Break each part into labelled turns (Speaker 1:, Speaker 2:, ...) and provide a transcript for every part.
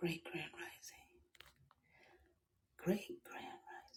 Speaker 1: Great Grand Rising. Great Grand Rising.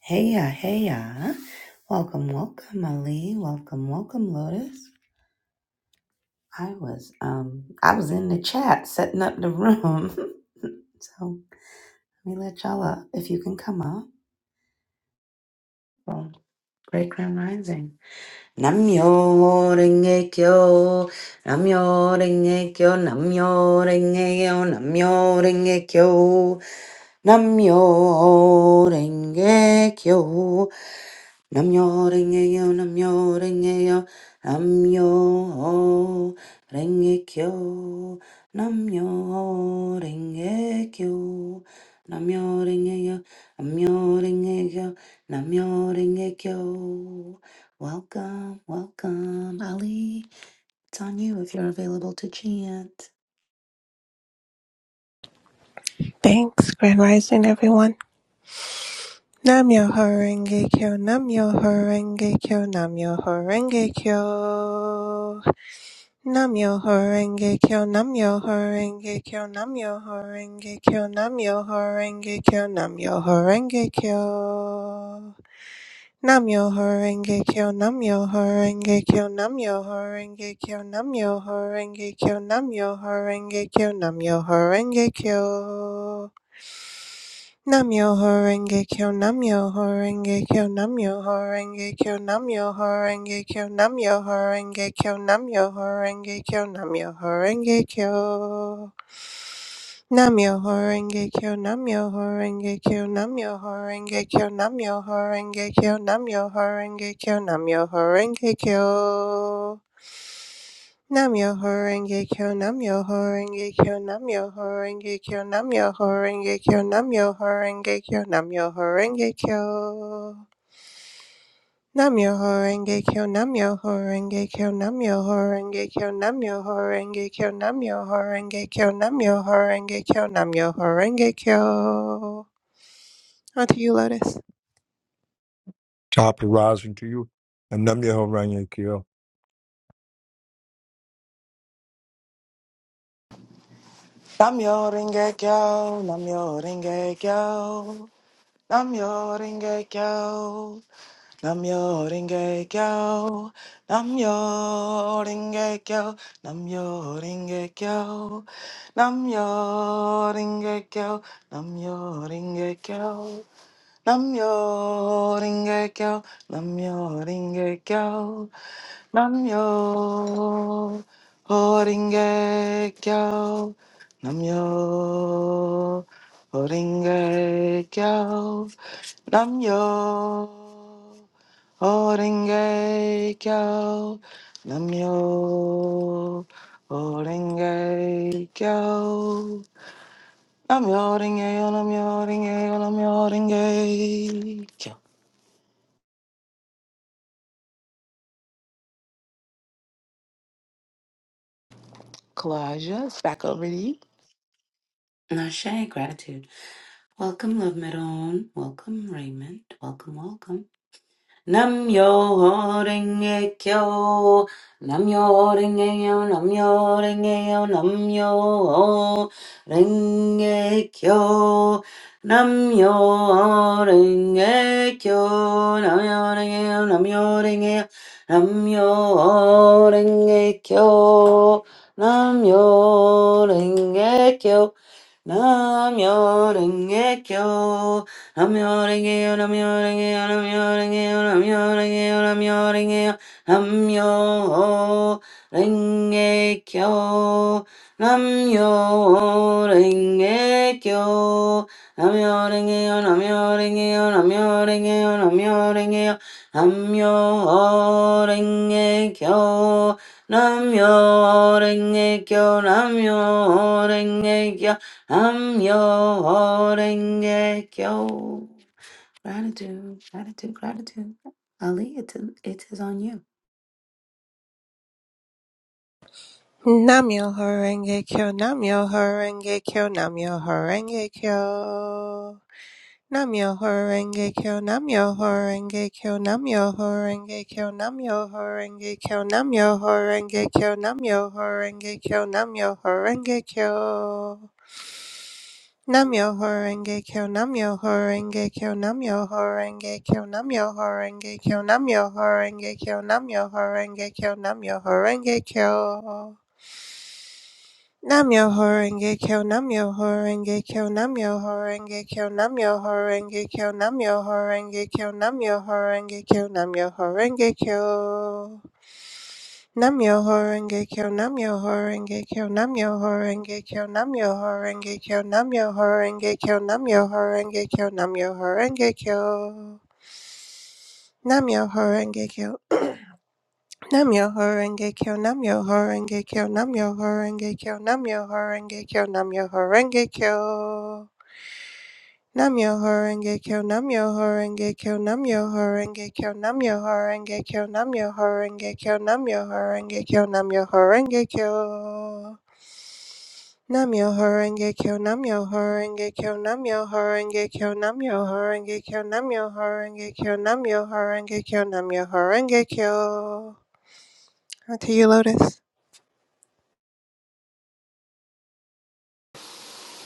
Speaker 1: Hey ya, hey ya. Welcome, welcome, Ali. Welcome, welcome, Lotus. I was um I was in the chat setting up the room. so let me let y'all up if you can come up. Well, Great Grand Rising. Namyo renge kyo, namyo renge kyo, namyo renge kyo, namyo renge kyo. Namyo Renge Kyo. Namyo renge-kyo, namyo renge-kyo, namyo renge-kyo, namyo renge-kyo, namyo renge-kyo, namyo renge-kyo, namyo renge-kyo. Welcome, welcome, Ali. It's on you if you're available to chant.
Speaker 2: Thanks, Grand Rising, everyone. Namyo Horenge Kyo, Namyo Horenge Kyo, Namyo Horenge Kyo. Namyo Horenge Kyo, Namyo Horenge Kyo, Namyo Horenge Kyo, Namyo Horenge Kyo, Namyo Horenge Kyo. Namyo Horenge Kyo, Namyo Horenge Kyo, Namyo Horenge Kyo, Namyo Horenge Kyo, Namyo Horenge Kyo, Namyo Horenge Kyo. Nam-myoho-renge-kyo, Nam-myoho-renge-kyo, Nam-myoho-renge-kyo, Nam-myoho-renge-kyo, Nam-myoho-renge-kyo, Nam-myoho-renge-kyo, Nam-myoho-renge-kyo. Nam-myoho-renge-kyo, Nam-myoho-renge-kyo, Nam-myoho-renge-kyo, Nam-myoho-renge-kyo, Nam-myoho-renge-kyo, Nam-myoho-renge-kyo. Nam yo ho renge kyo, nam yo ho renge kyo, nam yo ho renge kyo, nam yo ho renge kyo, nam yo ho renge kyo, nam yo ho renge kyo. Nam yo ho renge kyo, nam yo ho renge kyo, nam yo ho renge kyo, nam yo ho renge kyo, nam yo ho renge kyo, nam yo ho renge kyo, nam yo ho renge kyo. On to you, Lotus.
Speaker 3: Top rising to you. And Namyeho Rangekyo.
Speaker 4: Namyo Rengekyo, Namyo Rengekyo, Namyo Rengekyo, Namyo Rengekyo, Namyo Rengekyo, Namyo Rengekyo, Namyo Rengekyo, Namyo Rengekyo, Namjo, ring a bell. Namjo, ring a bell. Namjo, ring a bell. Namjo, ring a bell. Namjo, ring a bell. Namjo, ring a bell. I'm yawning, I'm yawning, I'm yawning. Kalijah, it's back over to you.
Speaker 1: Nashe, gratitude. Welcome, Love Meron. Welcome, Raymond. Welcome, welcome. Namyo Renge Kyo, Namyo Renge Yo, Namyo Renge Yo, Namyo Renge Kyo, Namyo Renge Kyo, Namyo Renge Yo, Namyo Renge Yo, Namyo Renge Kyo, Namyo Renge Kyo, Namyo Renge Kyo. Namyo-renge-yo, namyo-renge-yo, namyo-renge-yo, namyo-renge-yo, namyo-renge-yo, namyo-renge-kyo, namyo-renge-kyo, namyo-renge-yo, namyo-renge-yo, namyo-renge-yo, namyo-renge-yo, namyo-renge-kyo, namyo namyo-renge-kyo, I'm your renge kyo. Gratitude, gratitude, gratitude. Ali, it is, it is on you.
Speaker 2: Nam yo ho renge kyo, nam yo ho renge kyo, nam yo ho renge kyo. Namyoho Renge Kyo, Namyoho horenge Kyo, Namyoho Renge Kyo, Namyoho Renge Kyo, Namyoho Renge Kyo, Namyoho horenge Kyo, Namyoho Renge Kyo. Namyoho Renge Kyo, Namyoho Renge Kyo, Namyoho horenge Kyo, Namyoho Renge Kyo, Namyoho Renge Kyo, Namyoho Renge Kyo, Namyoho horenge Kyo. Namyo Horenge Kyo Namyo Horenge Kyo Namyo Horenge Kyo Namyo Horenge Kyo Namyo Horenge Kyo Namyo Horenge Kyo Namyo Horenge Kyo Namyo Horenge Kyo Namyo Horenge Kyo Namyo Horenge Kyo Namyo Horenge Kyo Namyo Horenge Kyo Namyo Horenge Kyo Namyo Horenge Kyo Namyo Horenge Kyo Nam yo Namyo Horenge Kyo Namyo Horenge Kyo Namyo Horenge Kyo Namyo Horenge Kyo Namyo Horenge Kyo Namyo Horenge Kyo Namyo Horenge Kyo Namyo Horenge Kyo Namyo Horenge Kyo Namyo Horenge Kyo Namyo Horenge Kyo Namyo Horenge Kyo Namyo Horenge Kyo Namyo Horenge Kyo Namyo Horenge Kyo Namyo Horenge Kyo Namyo Horenge Kyo Namyo Horenge Kyo Namyo Horenge Kyo. On to you, Lotus.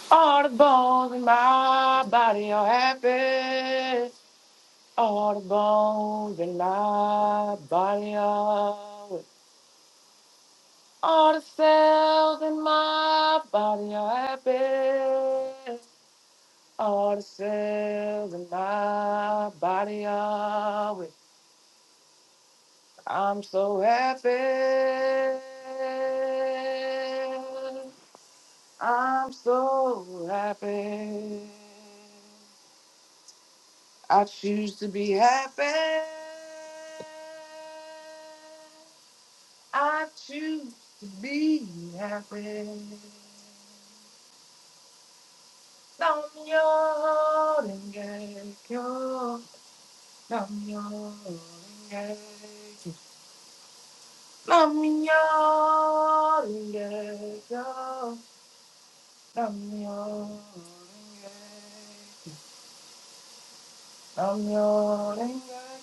Speaker 4: All the bones in my body are happy. All the bones in my body are. with- All the cells in my body are happy. All the cells in my body are. with. I'm so happy. I'm so happy. I choose to be happy. I choose to be happy. Nam yo renge kyo. Nam yo renge kyo. Nam yo renge kyo. Namyo Namyo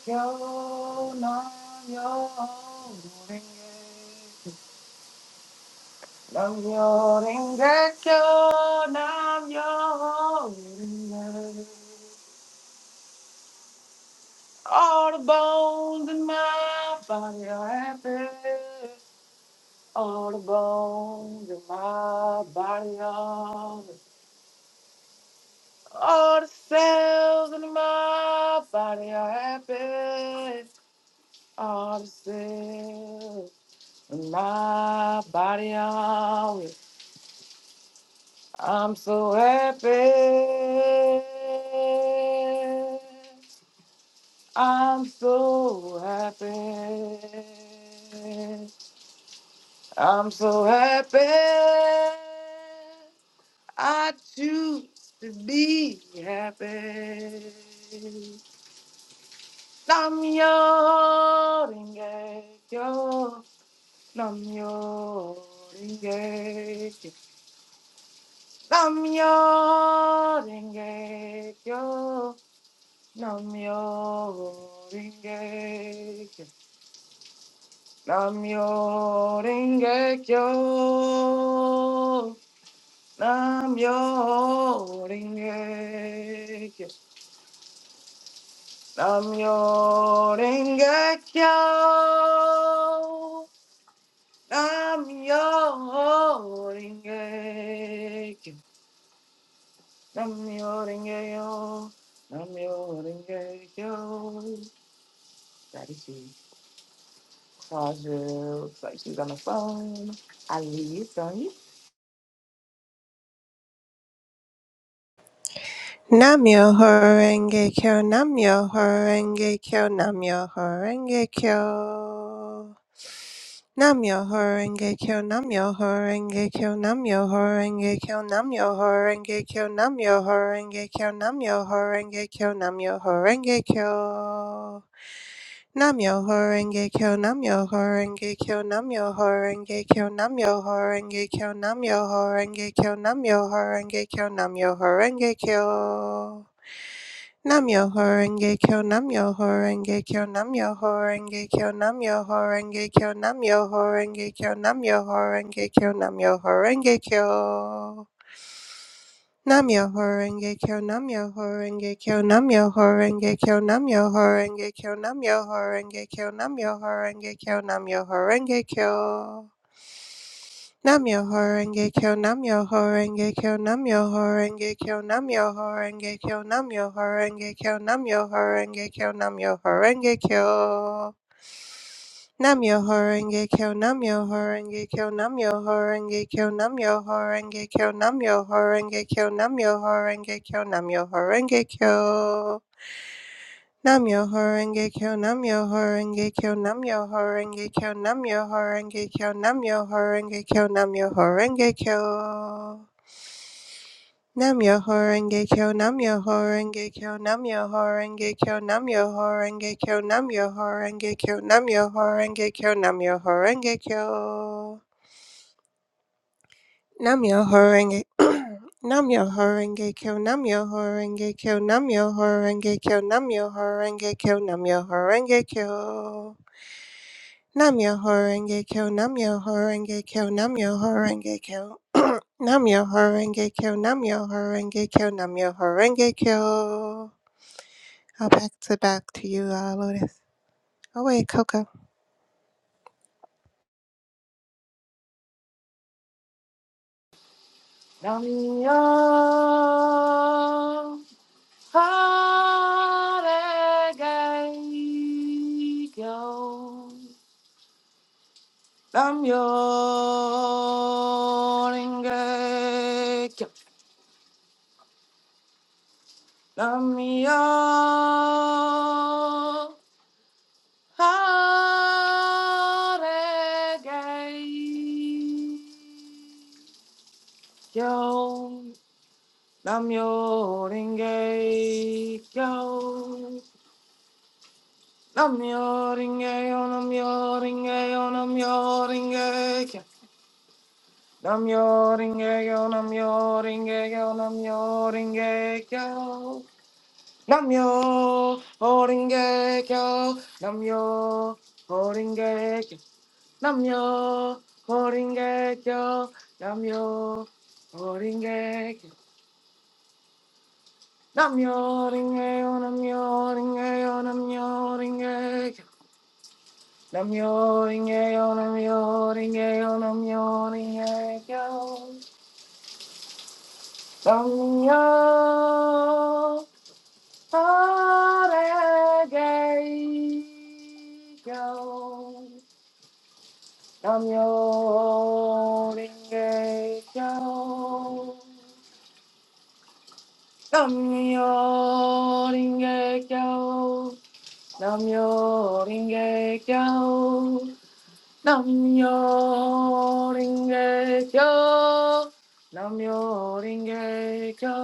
Speaker 4: Kyo Namyo Renge Namyo Renge Kyo Namyo Renge. All the bones in my body are happy. All the bones in my body are all the cells in my body are happy. all the cells in my body on it. I'm so happy. I'm so happy. I'm so happy. I choose to be happy. I'm your engaged. Namyo Renge Kyo. Namyo Renge Kyo. Namyo Renge Kyo. Namyo Renge Kyo. Namyo Renge Kyo. Namyo Renge Kyo. Namyo Rengeyo, Namyo Rengeyo. Gratitude. Claudia looks like she's on the phone. Ali, it's on you.
Speaker 2: Namyo Horenge Kyo, Namyo Horenge Kyo, Namyo Horenge Kyo. Namyo Horenge Kyo, Namyo Horenge Kyo, Namyo Horenge Kyo, Namyo Horenge Kyo, Namyo Horenge Kyo, Namyo Horenge Kyo, Namyo Horenge Kyo. Namyo Horenge Kyo, Namyo Horenge Kyo, Namyo Horenge Kyo, Namyo Horenge Kyo, Namyo Horenge Kyo, Namyo Horenge Kyo, Namyo Horenge Kyo. Namyo Horenge Kyo Namyo Horenge Kyo Namyo Horenge Kyo Namyo Horenge Kyo Namyo Horenge Kyo Namyo Horenge Kyo Namyo Horenge Kyo Namyo Horenge Kyo Namyo Horenge Kyo Namyo Horenge Kyo Namyo Horenge Kyo Namyo Horenge Kyo Namyo Horenge Kyo Namyo Horenge Kyo Namyo Horenge Kyo Namyo Horenge Kyo Namyo Horenge Kyo Namyo Horenge Kyo Namyo Horenge Kyo Namyo Horenge Kyo Namyo Horenge Kyo Namyo Horenge Kyo Namyo Horenge Kyo Namyo Horenge Kyo Namyo Horenge Kyo Namyo Horenge Kyo Namyo Horenge Kyo Namyo Horenge Kyo Namyo Horenge Kyo Namyo Horenge Kyo Namyo Horenge Kyo Namyo Horenge Kyo Namyo Horenge Kyo Namyo Horenge Kyo Namyo Horenge Kyo Namyo Horenge Kyo Namyo Horenge Kyo Namyo Horenge Kyo Namyo Horenge Kyo Namyo Horenge Kyo Namyo Horenge Kyo Namyo Horenge Namyo Horenge Kyo Namyo Horenge Kyo Namyo Horenge Kyo Namyo Horenge Kyo Namyo Horenge Kyo Namyo Horenge Kyo Namyo Horenge Kyo Namyo Horenge Kyo Namyo Horenge Kyo Namyo Horenge Kyo Namyo Horenge Kyo I'll back to back to you, uh, Lotus. Oh wait, Coco.
Speaker 4: Namyo Rengeyo. Namyo Rengeyo. Namyo Haregay. Yo, namyo ringe, yo, namyo ringe, yo, namyo ringe, yo, namyo ringe, yo, namyo ringe, yo, namyo ringe, yo, namyo ringe, yo, namyo ringe, yo, namyo ringe, Namyo Horingekyo, Namyo Horingekyo, Namyo Horingeyo, Namyo Horingeyo, Namyo Horingekyo, Namyo Horingeyo, Namyo Horingeyo, Namyo Horingekyo, Namyo Horingekyo, Namyo Horingekyo. Namyo ringe Ringekyo. Namyo ringe Ringekyo. Namyo ringe Ringekyo. Namyo ringe Ringekyo.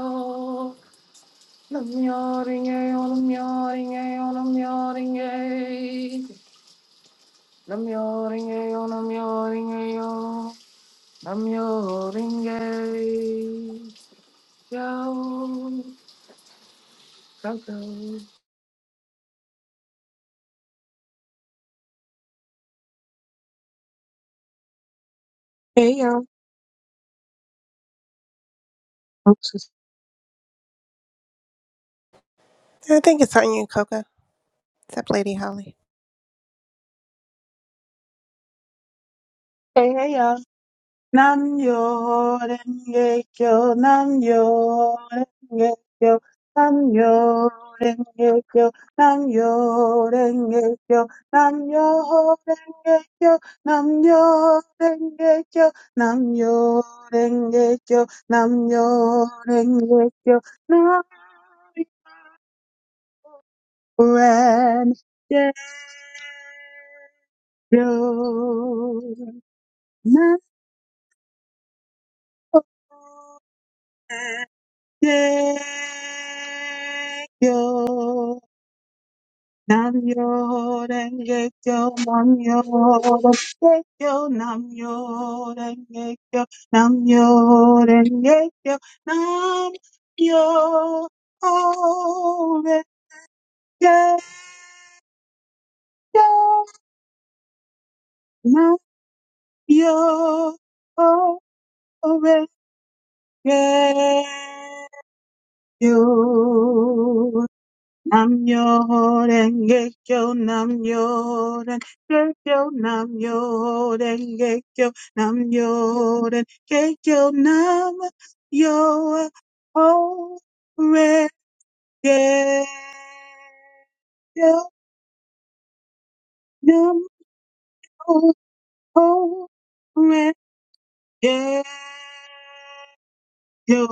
Speaker 4: Namyo ringe yo, Namyo ringe yo, Namyo Ringeyo. Namyo ringe yo, Namyo ringe yo, Namyo ringe Go, go, go.
Speaker 5: Hey y'all. Oops. it's-
Speaker 2: I think it's on you, Coco. Except Lady Holly.
Speaker 5: Hey, hey, y'all. Nam yo renge kyo, nam yo renge kyo, nam yo renge kyo, nam yo renge kyo, nam yo renge kyo, nam yo renge kyo, nam yo renge kyo, nam yo renge kyo, nam renge kyo. Yo, nam yo renge kyo, nam yo renge kyo, nam yo renge kyo, nam yo renge kyo, nam yo renge kyo, nam yo renge kyo. Nam yo denge kyo, nam yo denge kyo, nam yo denge kyo, nam yo denge kyo, nam yo ho renge kyo, nam yo ho renge Yo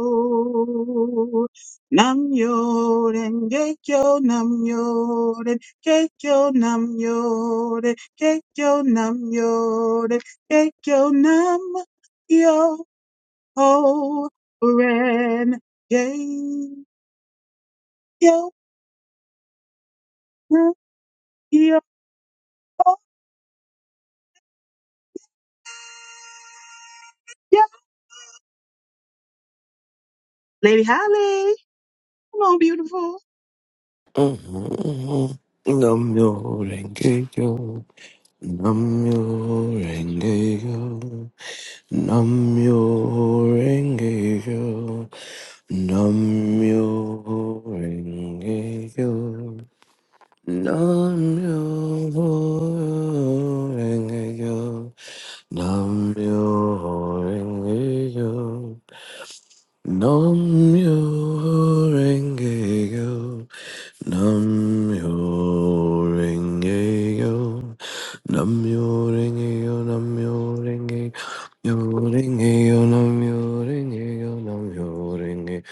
Speaker 5: Nam Yoden Gekyo Nam Yoden Gekyo Nam Yoden Gekyo Nam Yoden Gekyo Nam Yo Ren yo, Nam Yo Lady Holly, come on, beautiful.
Speaker 6: Namyo Rengeyo, Namyo Rengeyo, Namyo Rengeyo, Namyo Rengeyo, Namyo Rengeyo, Namyo Rengeyo. Nam yo renge yo, nam yo renge yo, nam yo renge yo, nam yo renge yo, renge yo, nam yo renge yo, nam yo renge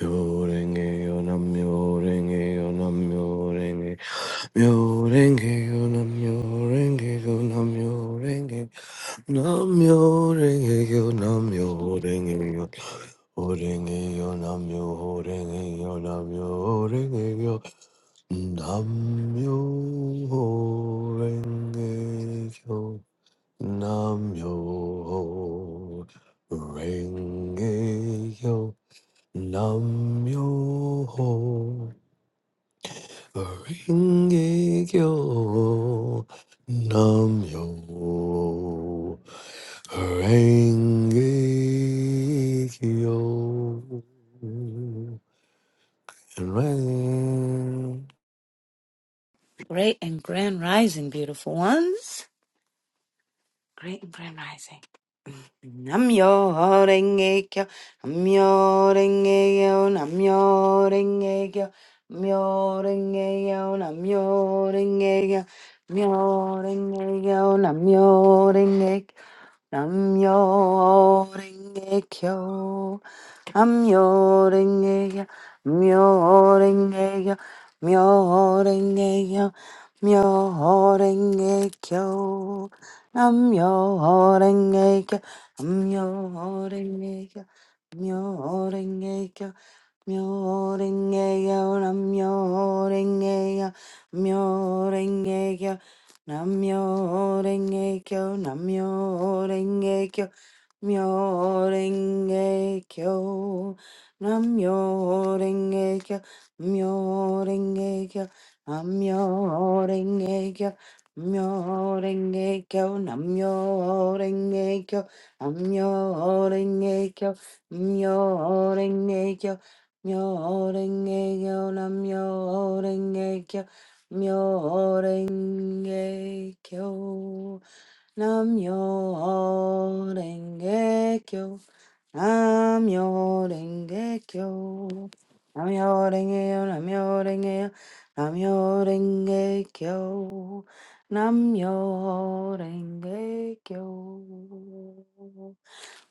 Speaker 6: yo, renge yo, nam yo renge yo, nam yo renge yo, renge yo, nam yo renge yo, nam yo renge Nam yo renge yo, nam yo renge yo, Horengeyo namyo, horengeyo namyo, horengeyo namyo, horengeyo namyo, horengeyo namyo, horengeyo namyo, horengeyo. and rising.
Speaker 1: Great and grand rising, beautiful ones. Great and grand rising. I'm your renge kyo. I'm your renge kyo. I'm your renge kyo. I'm your renge kyo. i your renge kyo. I'm your renge kyo. i your renge kyo. Namyo Renge Kyo. Namyo Renge Kyo. Namyo Renge Kyo. Namyo Renge Kyo. Namyo Renge Kyo. Namyo Renge Kyo. Namyo Renge Kyo. Namyo Renge Kyo. Namyo Renge Kyo. Namyo Renge Kyo. Namyo Renge Kyo. Namyo renge kyo, namyo renge kyo, Myorenge kyo, namyorenge kyo, myorenge kyo, namyorenge kyo, myorenge kyo, namyorenge kyo, namyorenge kyo, myorenge kyo, myorenge kyo, namyorenge kyo, myorenge kyo. Namyo Renge Kyo. Namyo Renge Kyo. Namyo Renge Yo. Namyo Renge Yo. Namyo Renge Kyo. Namyo Renge Kyo.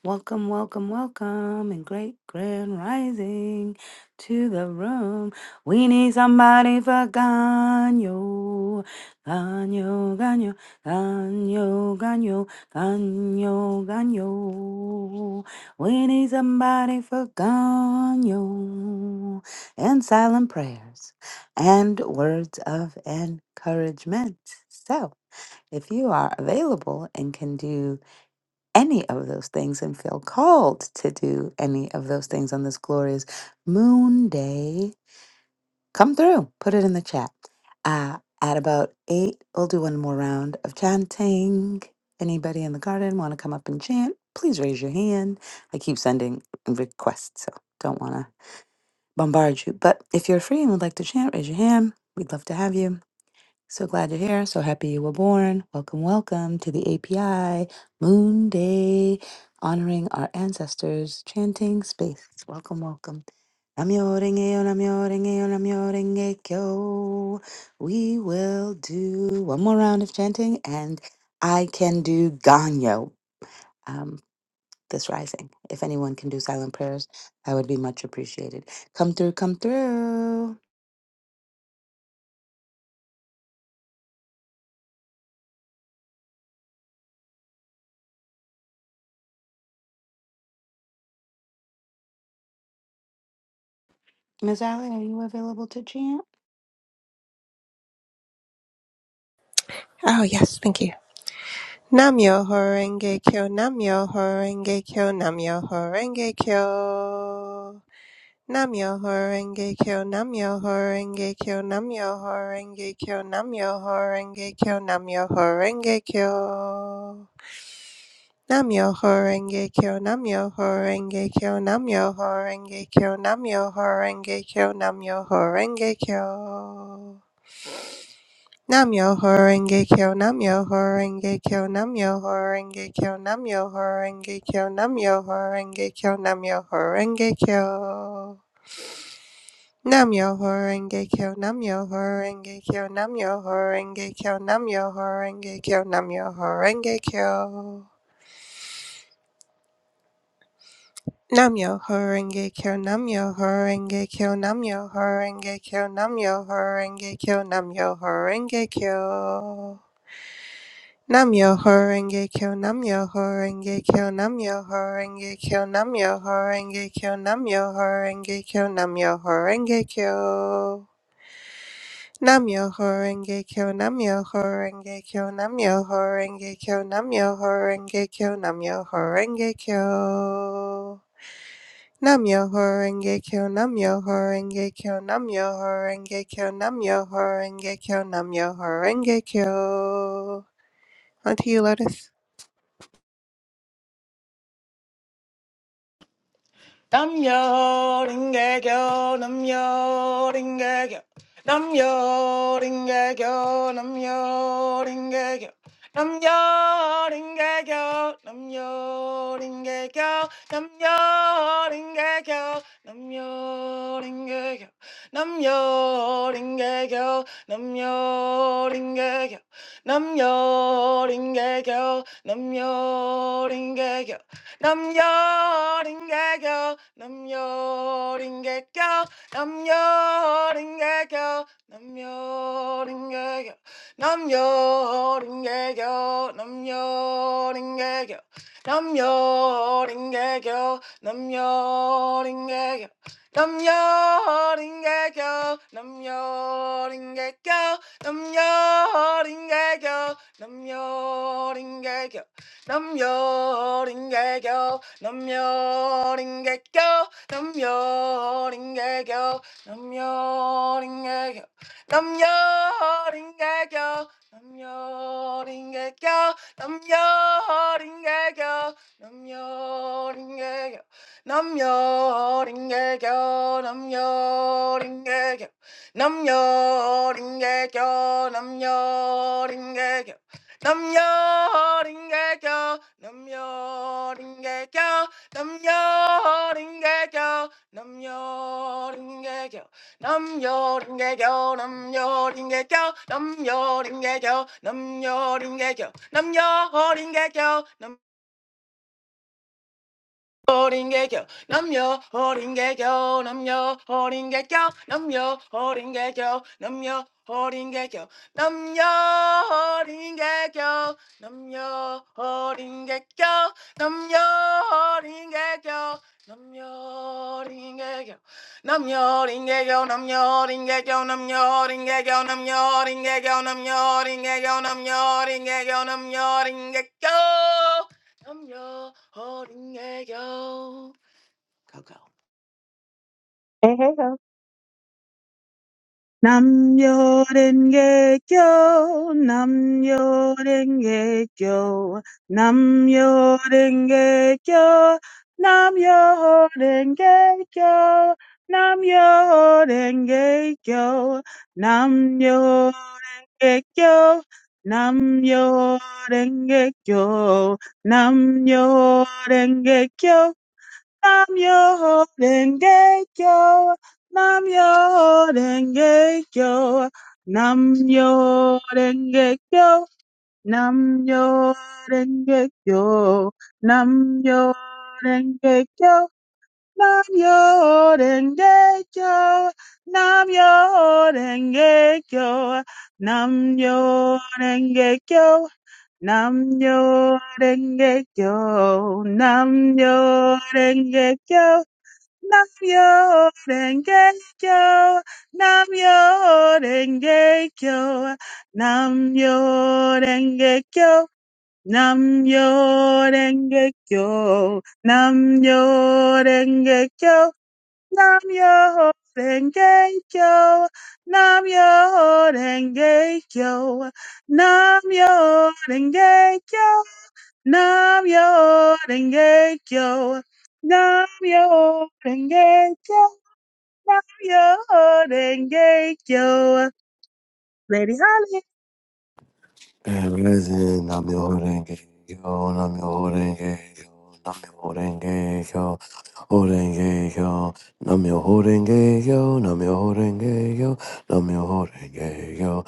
Speaker 1: Welcome, welcome, welcome, and great grand rising to the room. We need somebody for Ganyo. Ganyo, Ganyo, Ganyo, Ganyo, Ganyo, Ganyo. We need somebody for Ganyo. And silent prayers and words of encouragement. So, if you are available and can do any of those things and feel called to do any of those things on this glorious moon day, come through. Put it in the chat. Uh, at about eight, we'll do one more round of chanting. Anybody in the garden want to come up and chant? Please raise your hand. I keep sending requests, so don't want to bombard you. But if you're free and would like to chant, raise your hand. We'd love to have you. So glad you're here. So happy you were born. Welcome, welcome to the API Moon Day, honoring our ancestors, chanting space. Welcome, welcome. Namyo renge yo, namyo renge yo, namyo renge kyo. We will do one more round of chanting, and I can do Ganyo um, this rising. If anyone can do silent prayers, that would be much appreciated. Come through, come through. Miss Allie, are you available to chant?
Speaker 2: Oh yes, thank you. Namyo Horenge Kyo, Namyo Horenge Kyo, Namyo Horenge Kyo. Namyo Horenge Kyo, Namyo Horenge Kyo, Namyo Horenge Kyo, Namyo Horenge Kyo, Namyo Horenge Kyo. Namyo Horenge Kyo, Namyo Horenge Kyo, Namyo Horenge Kyo, Namyo Horenge Kyo, Namyo Horenge Kyo. Namyo Horenge Kyo Namyo Horenge Kyo Namyo Horenge Kyo Namyo Horenge Kyo Namyo Horenge Kyo Namyo Horenge Kyo Namyo Horenge Kyo Namyo Horenge Kyo Namyo Horenge Kyo Namyo Horenge Kyo Namyo Horenge Kyo Namyo Horenge Kyo Namyo Horenge Kyo Namyo Horenge Kyo Namyo Horenge Kyo Namyo Horenge Kyo Namyo Horenge Kyo Namyo Horenge Kyo Namyo Horenge Kyo Namyo Horenge Kyo Namyo Horenge Kyo Namyo Horenge Kyo Namyo Horenge Kyo Namyo Horenge Kyo Namyo Horenge Kyo Namyo Horenge Kyo Namyo Horenge Kyo Namyo Horenge Kyo Namyo Horenge Kyo Namyo Horenge Kyo Namyo Horenge Kyo Namyo Horenge Kyo Onto you, Lotus.
Speaker 4: 남여 링개교 남여 링개교 남여 링개교 남여 링개교 남여 링개교 남여 링개교 남여 링개교 남여 링개교 남여 링개교 남여 링개교 남여 링개교 남여 링개교 Namjoon, get go. Namjoon, get go. Namjoon, get go. Namjoon, get go. Namjoon, get go. Namjoon, get go. Namjoon, get go. Namjoon, get go. Namjoon, get go. Namjoon, get go. Namjoon, get go. Namjoon, get go. Namjoon, get go. Namjoon, get go. Namjoon, get go. Namjoon, get go. Namjoon, get go. Namjoon, get go. Namjoon, get go. Namjoon, get go. Namjoon, get go. Namjoon, get go. Namjoon, get go. Namjoon, get go. Namyo Ringekyo, Namyo Ringekyo, Namyo Ringekyo, Namyo Ringekyo, Namyo Ringekyo, Namyo Ringekyo, Namyo Ringekyo, Namyo Ringekyo, Namyo Ringekyo, 호링개교 남녀 호링개교 남녀 호링개교 남녀 호링개교 남녀 호링개교 남녀 호링개교 남녀 호링개교 남녀 호링개교 남녀링개교 남녀링개교 남녀링개교 남녀링개교 남녀링개교 남녀링개교 남녀링개교 남녀링개교 I'm your holding yo. Coco.
Speaker 5: Hey, hey, Nam Yorenge Kyo, Nam Yorenge Kyo, Nam Yorenge Kyo, Nam Yorenge Kyo, Nam Yorenge Kyo, Nam Yorenge Kyo, Nam Yorenge Kyo, Nam Yorenge Kyo, Nam yo denge kyo, nam yo denge kyo, nam yo denge kyo, nam yo denge kyo, nam yo denge kyo, nam yo denge kyo, nam yo denge kyo, nam yo denge kyo. Nam yo denge kyo, nam yo denge kyo, Namyo Renge Kyo, Namyo Renge Kyo, Namyo Renge Kyo, Namyo Renge Kyo, Namyo Renge Kyo, Namyo Renge Kyo, Namyo Renge Kyo, Namyo Renge Kyo, Namyo Renge Kyo, Namyo Renge Kyo. Lady Holly.
Speaker 6: Listen, I'm your Horenge, yo, I'm your Horenge, yo, I'm your Horenge, yo, Horenge, yo, I'm your Horenge, yo, I'm your Horenge, yo, I'm your Horenge, yo,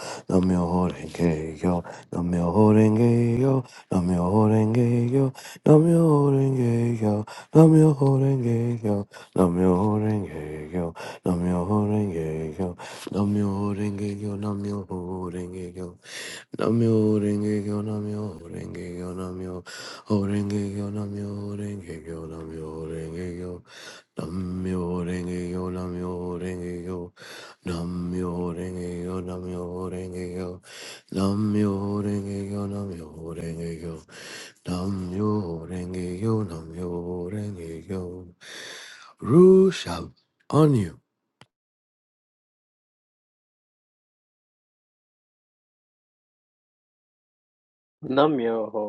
Speaker 6: I'm your Horenge, yo, I'm your Horenge, yo, I'm your Horenge, yo, I'm your Horenge, yo, I'm your Horenge, yo, I'm your Horenge, yo, I'm your Horenge, yo, I'm your Horenge, yo, I'm your Horenge, yo. Namyo renge kyo namyo renge kyo namyo ho renge kyo namyo renge kyo namyo renge kyo namyo renge kyo namyo renge kyo namyo renge kyo namyo renge kyo namyo renge kyo namyo renge kyo namyo renge kyo namyo renge kyo Rush up on you.
Speaker 7: Namyoho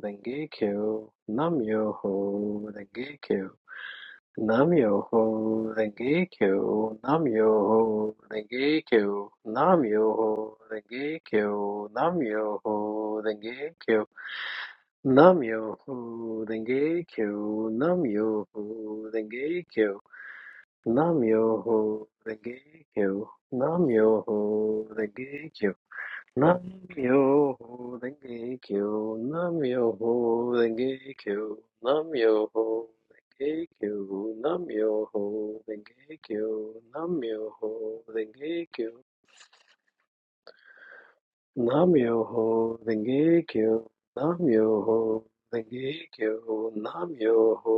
Speaker 7: Rengekyo, Namyoho Rengekyo, Namyoho Rengekyo, Namyoho Rengekyo, Namyoho Rengekyo, Namyoho Rengekyo, Namyoho Rengekyo, Namyoho Rengekyo, Namyoho Rengekyo, Namyoho Rengekyo, Namyoho Renge Kyo, Namyoho Renge Kyo, Namyoho Renge Kyo, Namyoho Renge Kyo, Namyoho Renge Kyo. Nam-myoho Renge Kyo, Nam-myoho Renge Kyo, Nam-myoho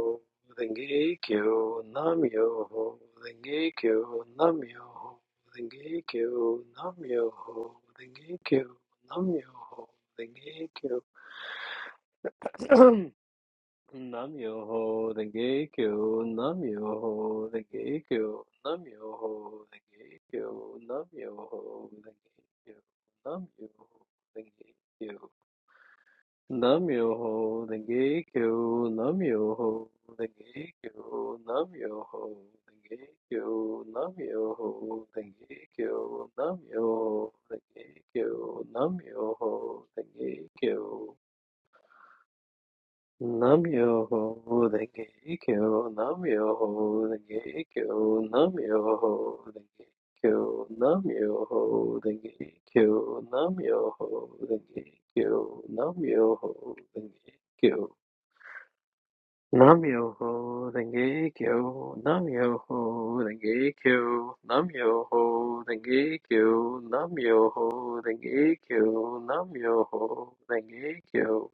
Speaker 7: Renge Kyo, Nam-myoho Renge Kyo, Nam-myoho Renge Kyo, Nam-myoho Renge Kyo, Nam-myoho Renge Kyo. Nam-myoho Renge Kyo, Nam-myoho Renge Kyo, Nam-myoho Renge Kyo, Nam-myoho Renge Kyo, Nam-myoho Renge Kyo. Namyoho Denge Kyo, Namyoho Denge Kyo, Namyoho Denge Kyo, Namyoho Denge Kyo, Namyoho Denge Kyo, Namyoho Denge Kyo. Namyoho Denge Kyo, Namyoho Denge Kyo, Namyoho Denge Kyo, Namyoho Denge Kyo, Namyoho Denge Kyo, Namyoho Denge Kyo. Nam Yoho Renge Kyo, Nam Yoho Renge Kyo, Nam Yoho Renge Kyo, Nam Yoho Renge Kyo, Nam Yoho Renge Kyo,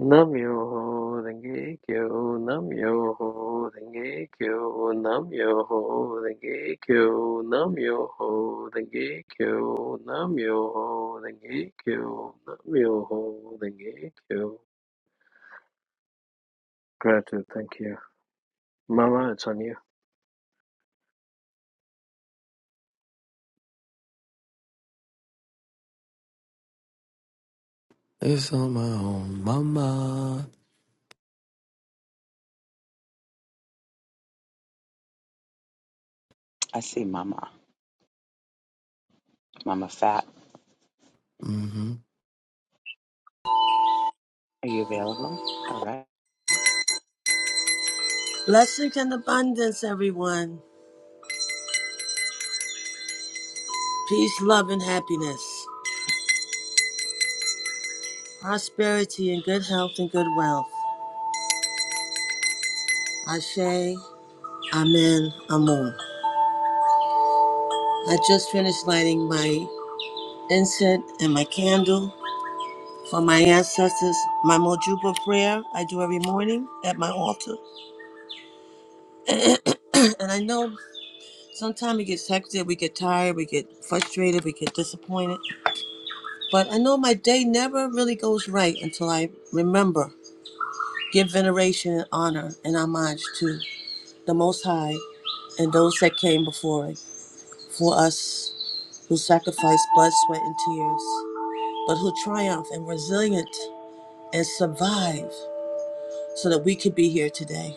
Speaker 7: Nam Yoho Renge Kyo, Nam Yoho Renge Kyo, Nam Yoho Renge Kyo, Nam Yoho Renge Kyo, Nam Yoho Renge Kyo, Nam Yoho Renge Kyo. Gratitude, thank you. Mama, it's on you.
Speaker 6: It's on my own mama.
Speaker 8: I see Mama. Mama Fat.
Speaker 6: Mm-hmm.
Speaker 8: Are you available? All right.
Speaker 9: Blessings and abundance, everyone. Peace, love, and happiness. Prosperity and good health and good wealth. Ashe, Amen, Amun. I just finished lighting my incense and my candle for my ancestors, my Mojuba prayer I do every morning at my altar. and I know sometimes it gets hectic, we get tired, we get frustrated, we get disappointed. But I know my day never really goes right until I remember Give veneration and honor and homage to the Most High and those that came before it, for us who sacrificed blood, sweat, and tears, but who triumphed and resilient and survived so that we could be here today.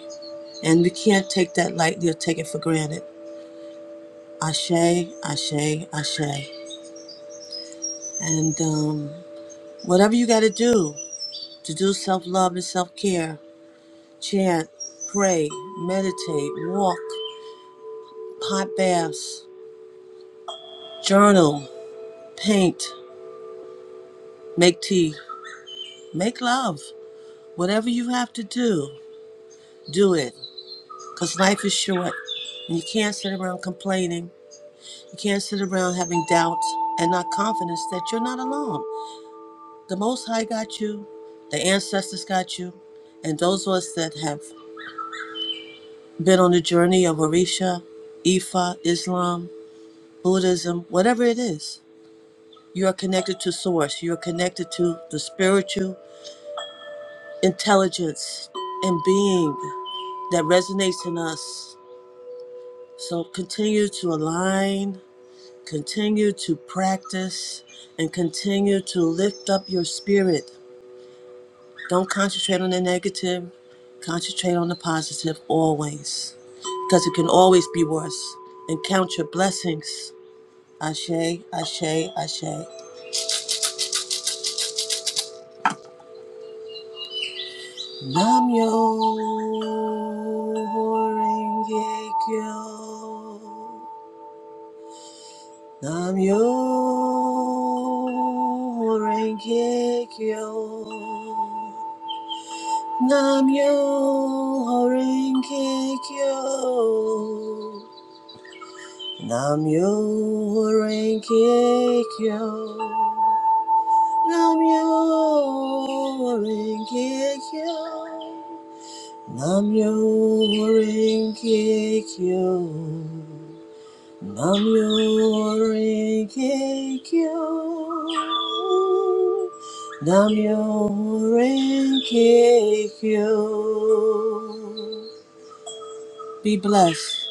Speaker 9: And we can't take that lightly or take it for granted. Ashe, ashe, ashe. And um, whatever you got to do to do self love and self care, chant, pray, meditate, walk, hot baths, journal, paint, make tea, make love. Whatever you have to do, do it. Because life is short and you can't sit around complaining. You can't sit around having doubts and not confidence that you're not alone. The Most High got you, the ancestors got you, and those of us that have been on the journey of Orisha, Ifa, Islam, Buddhism, whatever it is, you are connected to Source. You are connected to the spiritual intelligence and being that resonates in us. So continue to align, continue to practice, and continue to lift up your spirit. Don't concentrate on the negative, concentrate on the positive always, because it can always be worse. And count your blessings. Ashe, ashe, ashe. Nam yo renge kyo. Namyo Renge Kyo. Namyo Renge Kyo. Namyo Renge Kyo. Namyo Renge Kyo. Namyo Renge Kyo. Nam-myoho-renge-kyo. Nam-myoho-renge-kyo. Be blessed.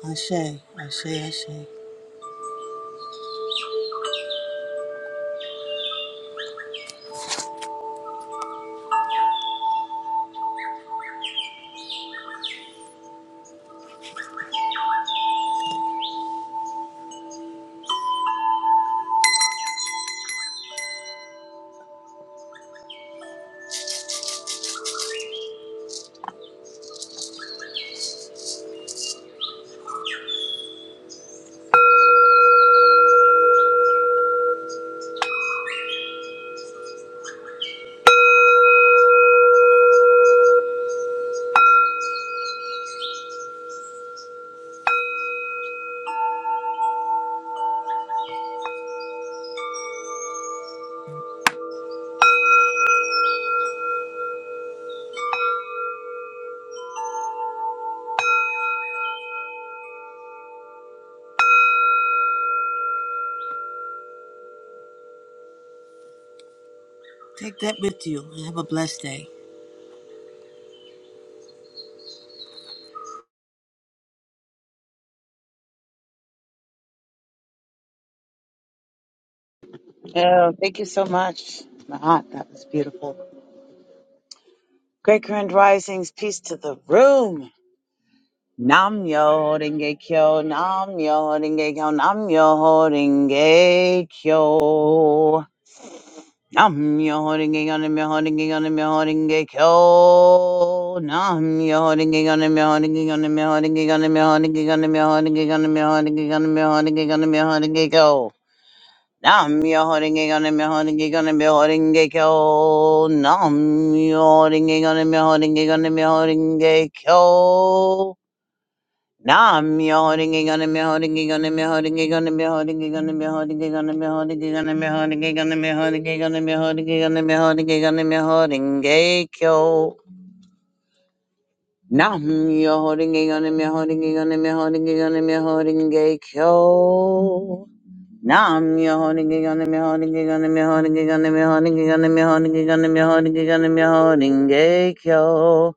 Speaker 9: Ashe, Ashe, Ashe. Take that with you and have a blessed day.
Speaker 8: Oh, thank you so much. Mahat, that was beautiful. Great current risings, peace to the room. Nam yo ringe kyo, nam yo ringe kyo, nam yo ringe kyo. Nam yo ringe kyo, nam yo ringe kyo, nam yo ringe kyo. Nam yo ringe kyo, nam yo ringe kyo, nam yo ringe kyo, nam yo ringe kyo, nam yo ringe kyo, nam yo ringe kyo, nam yo ringe kyo, nam yo ringe kyo. Nam yo holding it on him, holding it on him, holding it kyo. Nam yo holding it on him, holding it on him, holding it kyo. Nam yo holding it on him, holding it on him, holding it on him, holding it on him, holding it on him, holding it on him, holding it on him, holding it on him, holding it on him, holding it on him, holding it kyo. Nam yo holding it on him, holding it on him, holding it on him, holding it kyo. Nam holding it on the holding it on the holding it on the holding it on the holding it on the holding it on the holding it yo.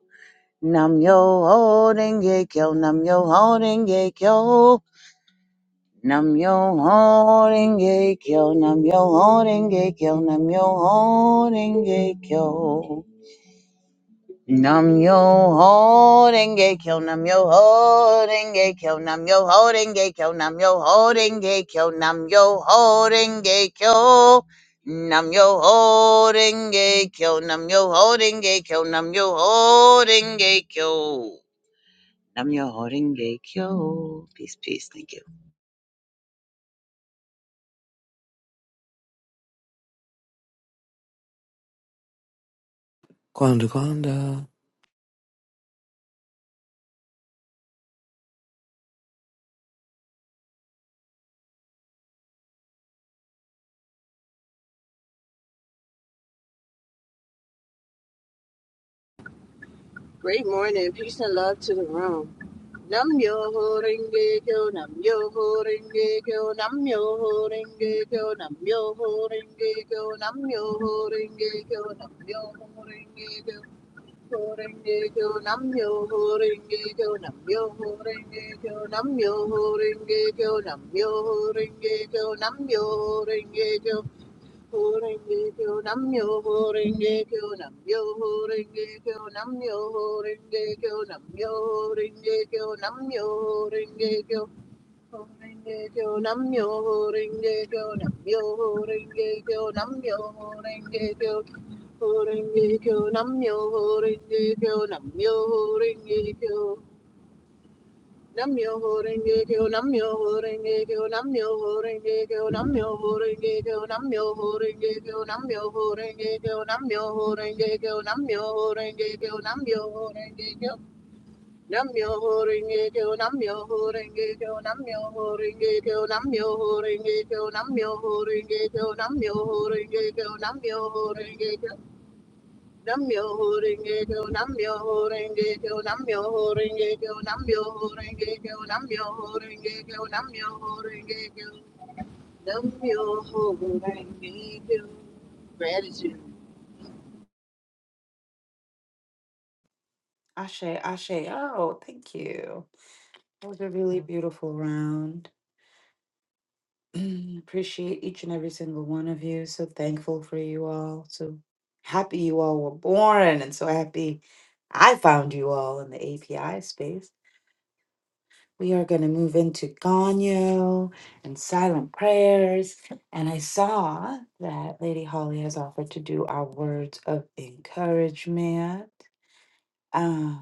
Speaker 8: Nam yo holding it yo. Nam yo holding it yo. Nam yo holding it yo. Nam yo holding it yo. Nam yo holding it kyo. Nam yo holding denge kyo, nam yo holding denge kyo, nam yo holding denge kyo, nam yo holding denge kyo, nam yo holding denge kyo, nam yo holding denge kyo, nam yo holding denge kyo, nam yo holding denge kyo, nam yo holding denge kyo. Peace, peace, thank you.
Speaker 6: Kwanda Kwanda.
Speaker 10: Great morning. Peace and love to the room. Nam yo ho renge kyo, nam yo ho renge kyo, nam yo ho renge kyo, nam yo ho renge kyo, nam yo ho renge kyo, nam yo ho renge kyo. Ho renge kyo, nam yo ho renge kyo, nam yo ho renge kyo, nam yo ho renge kyo, nam yo ho renge kyo, nam yo ho renge kyo, Horengekyo namyo horengekyo namyo horengekyo namyo horengekyo namyo horengekyo namyo horengekyo horengekyo namyo horengekyo namyo horengekyo namyo horengekyo horengekyo namyo horengekyo namyo horengekyo Nam-myoho-renge-kyo, Nam-myoho-renge-kyo, Nam-myoho-renge-kyo, Nam-myoho-renge-kyo, Nam-myoho-renge-kyo, Nam-myoho-renge-kyo, Nam-myoho-renge-kyo, Nam-myoho-renge-kyo, Nam-myoho-renge-kyo. Nam-myoho-renge-kyo, Nam-myoho-renge-kyo, Nam-myoho-renge-kyo, Nam-myoho-renge-kyo, Nam-myoho-renge-kyo, Nam-myoho-renge-kyo, Nam-myoho-renge-kyo, Namyo Renge Kyo, Namyo Renge Kyo, Namyo Renge Kyo, Namyo Renge Kyo, Namyo Renge Kyo, Namyo Renge Kyo, Namyo Renge Kyo. Gratitude.
Speaker 1: Ashe, Ashe. Oh, thank you. That was a really beautiful round. Appreciate each and every single one of you. So thankful for you all. So happy you all were born, and so happy I found you all in the API space. We are going to move into Ganyo and silent prayers. And I saw that Lady Holly has offered to do our words of encouragement. Um,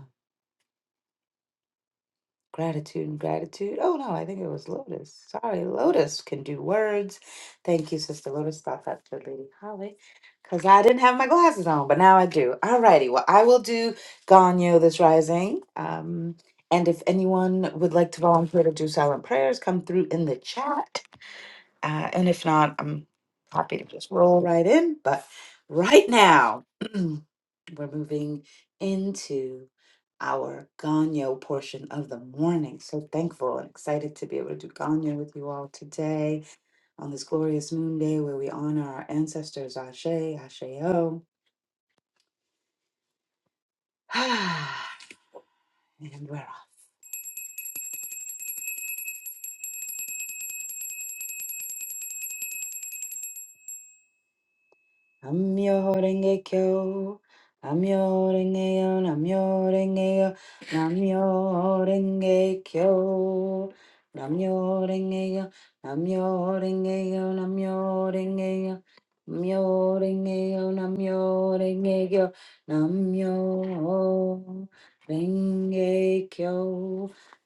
Speaker 1: Gratitude and gratitude. Oh no, I think it was Lotus. Sorry, Lotus can do words. Thank you, Sister Lotus. Thought that to Lady Holly. Because I didn't have my glasses on, but now I do. Alrighty, well, I will do Ganyo this rising. Um, and if anyone would like to volunteer to do silent prayers, come through in the chat. Uh, and if not, I'm happy to just roll right in. But right now. We're moving into our Ganyo portion of the morning. So thankful and excited to be able to do Ganyo with you all today on this glorious moon day where we honor our ancestors, Ashe, Asheo. and we're off. Namyo renge kyo, namyo renge yo, namyo renge yo, namyo renge kyo, namyo renge yo, namyo renge yo, namyo renge yo, namyo renge yo, namyo renge kyo, namyo renge kyo,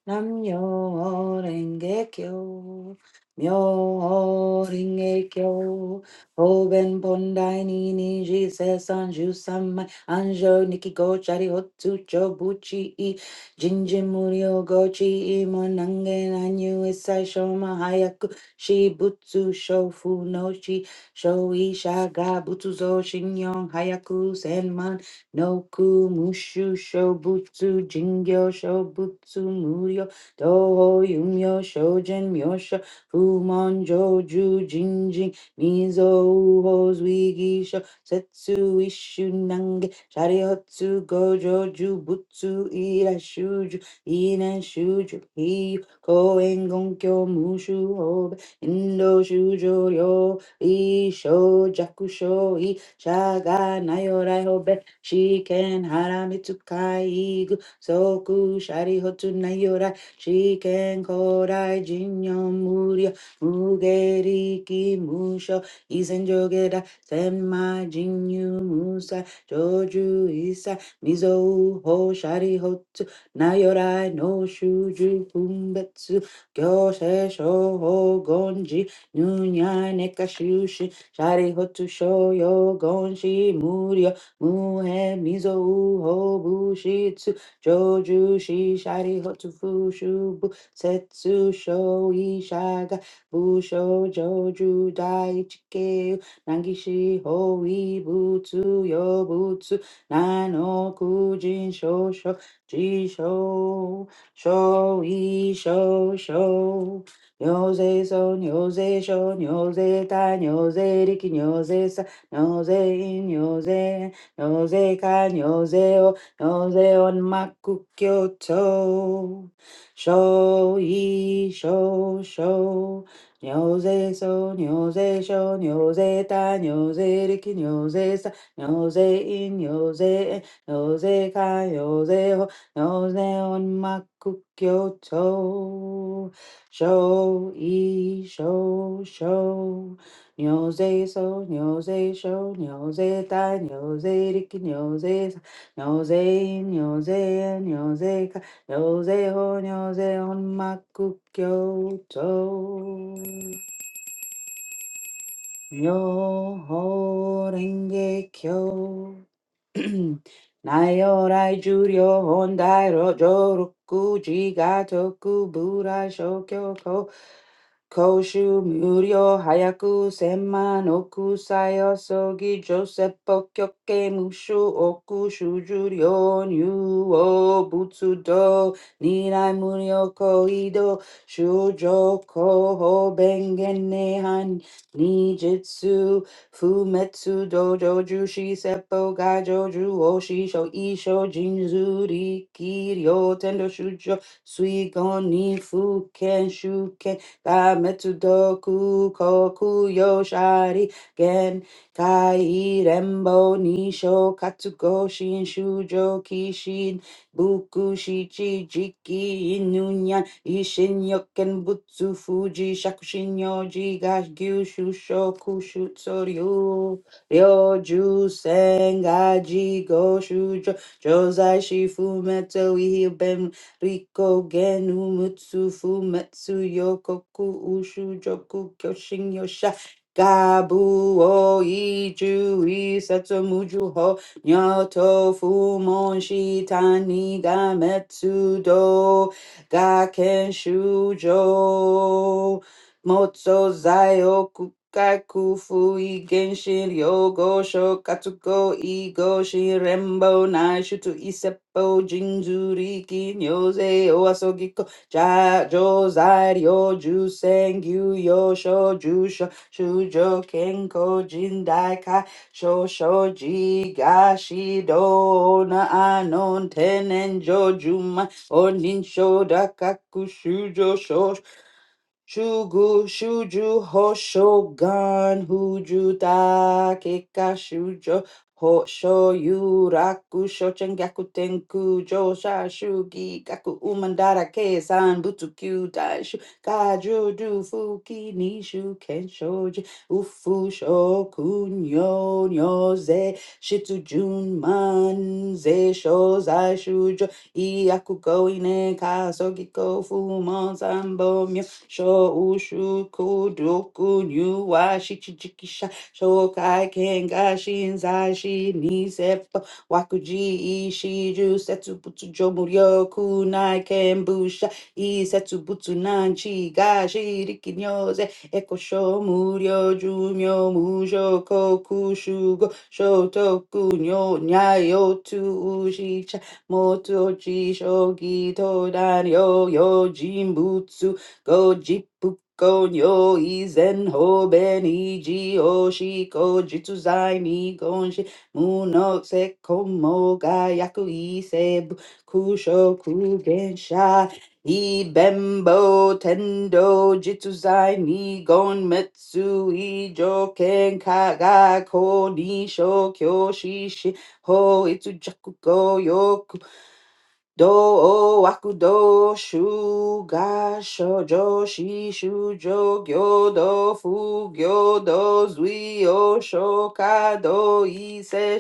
Speaker 1: namyo renge kyo, namyo renge kyo. Oben Bondai Nini Jesus Anju Samai Anjo Nikiko Chari Hotsu Chobuchi I Jinjin Murio Gochi I Monange Nanyu Isai Shoma Hayaku Shibutsu Shofu no Shi Shoi Shaga Butsuzo Shinyon Hayaku Senman Noku Mushu Shobutsu Jingyo Shobutsu Murio Toho Yumyo Shojin Myosho Fumon Joju Jinjin Mizo Hoswigisho Setsu Ishu Nange Shariotsu Gojo Jubutsu Ira Shuju Ina Shuju Hiyu Koen Gonkyo Mushu Hobe Indo Shujo Ryo Isho Jakusho I Shaga Nayorai Hobe Shiken Haramitsu Kaigu Soku Shariotsu Nayorai Shiken Korai Jinyo Muryo Mugeri ki musho isenjogeda senma jinyu musa joju isa mizo ho shari hotu nayorai no shuju fumbetsu gyose shoho gonji nunya neka shari hotu shoyo gonshi muryo muhe mizo ho bushitsu joju shi shari hotu fushubu setsu sho Busho Joju Daichike Nangishi Hoi Butsu Yobutsu Nano Kujin Shosho Jisho Shoi Shosho Nyose So Nyose Sho Nyose Ta Nyose Riki Nyose Sa Nyose In Nyose Nyose Ka Nyose O Nyose On Maku Kyoto Show, ye, show, show. Nyoze so, nyoze sho, nyoze ta, nyoze riki, nyoze sa, nyoze in, nyoze en, nyoze ka, nyoze ho, nyoze on maku kyoto. Sho, i, sho, sho. Nyoze so, nyoze sho, nyoze ta, nyoze riki, nyoze sa, nyoze in, nyoze en, nyoze 요새호 요새혼 막국교조 묘호랭개교 ナイオライ重量本大路上六時が特ブラ小教皇公衆無料早く千万億歳遅ぎジョセポ極刑無償億主重量入を仏道二来無料恋道修上皇法弁言涅槃二術 Fumetsu dojo jushi seppo gaijo ju oshi sho isho jinzu riki ryo tendo shujo suigon ni fuken shuken gametsu doku koku yoshari gen kai rembo nisho katsugo shin shujo kishin buku shichi jiki Ishin Yoken Butsu Fuji Shakushin Yoji Gashushu Shokushu Tsoryu Ryoju Sengaji Goshu Jo- Josai Shifu Meto Ben Riko Genu Mutsu Fumetsu Yokoku Ushu Joku Kyoshin Yosha Gabu o ichu isetsu muju ho nyoto fumon shitani gametsu do Gaken Shujo Onin shoda kakushujo sho Shugu shuju hoshogan huju da keka shujo hosho yuraku shochen gaku tenku josha shugi gaku umandara kesan butsukyu daishu kaju du fuki nishu kenshoji ufu shokun yo nyoze shitsujun man ze shozai shujo Iyaku go ine kaso giko fu Shōshū kōdoku nyū wa shichichikisha shokai kenga shinzai shi niseppo wakuji ishiju setsu butsu jomuryo kunai kenbusha isetsu butsu nanchi ga shiriki nyose eko shomuryo jumyo mujo koku shugo shotoku nyo nyayo tu ushicha motochi shogi todan yo yo jimbutsu Go jipu go nyo izen ho beni ji oshi ni gonshi muno se komo ga yaku ise bu kusho kugen ibembo tendo jitsu zai ni gon metsu ijo ken kaga ko ni sho shi shi ho itsu jaku go do o akudo shu ga sho jo shi shu jo gyo do fu gyo do zui o sho do i se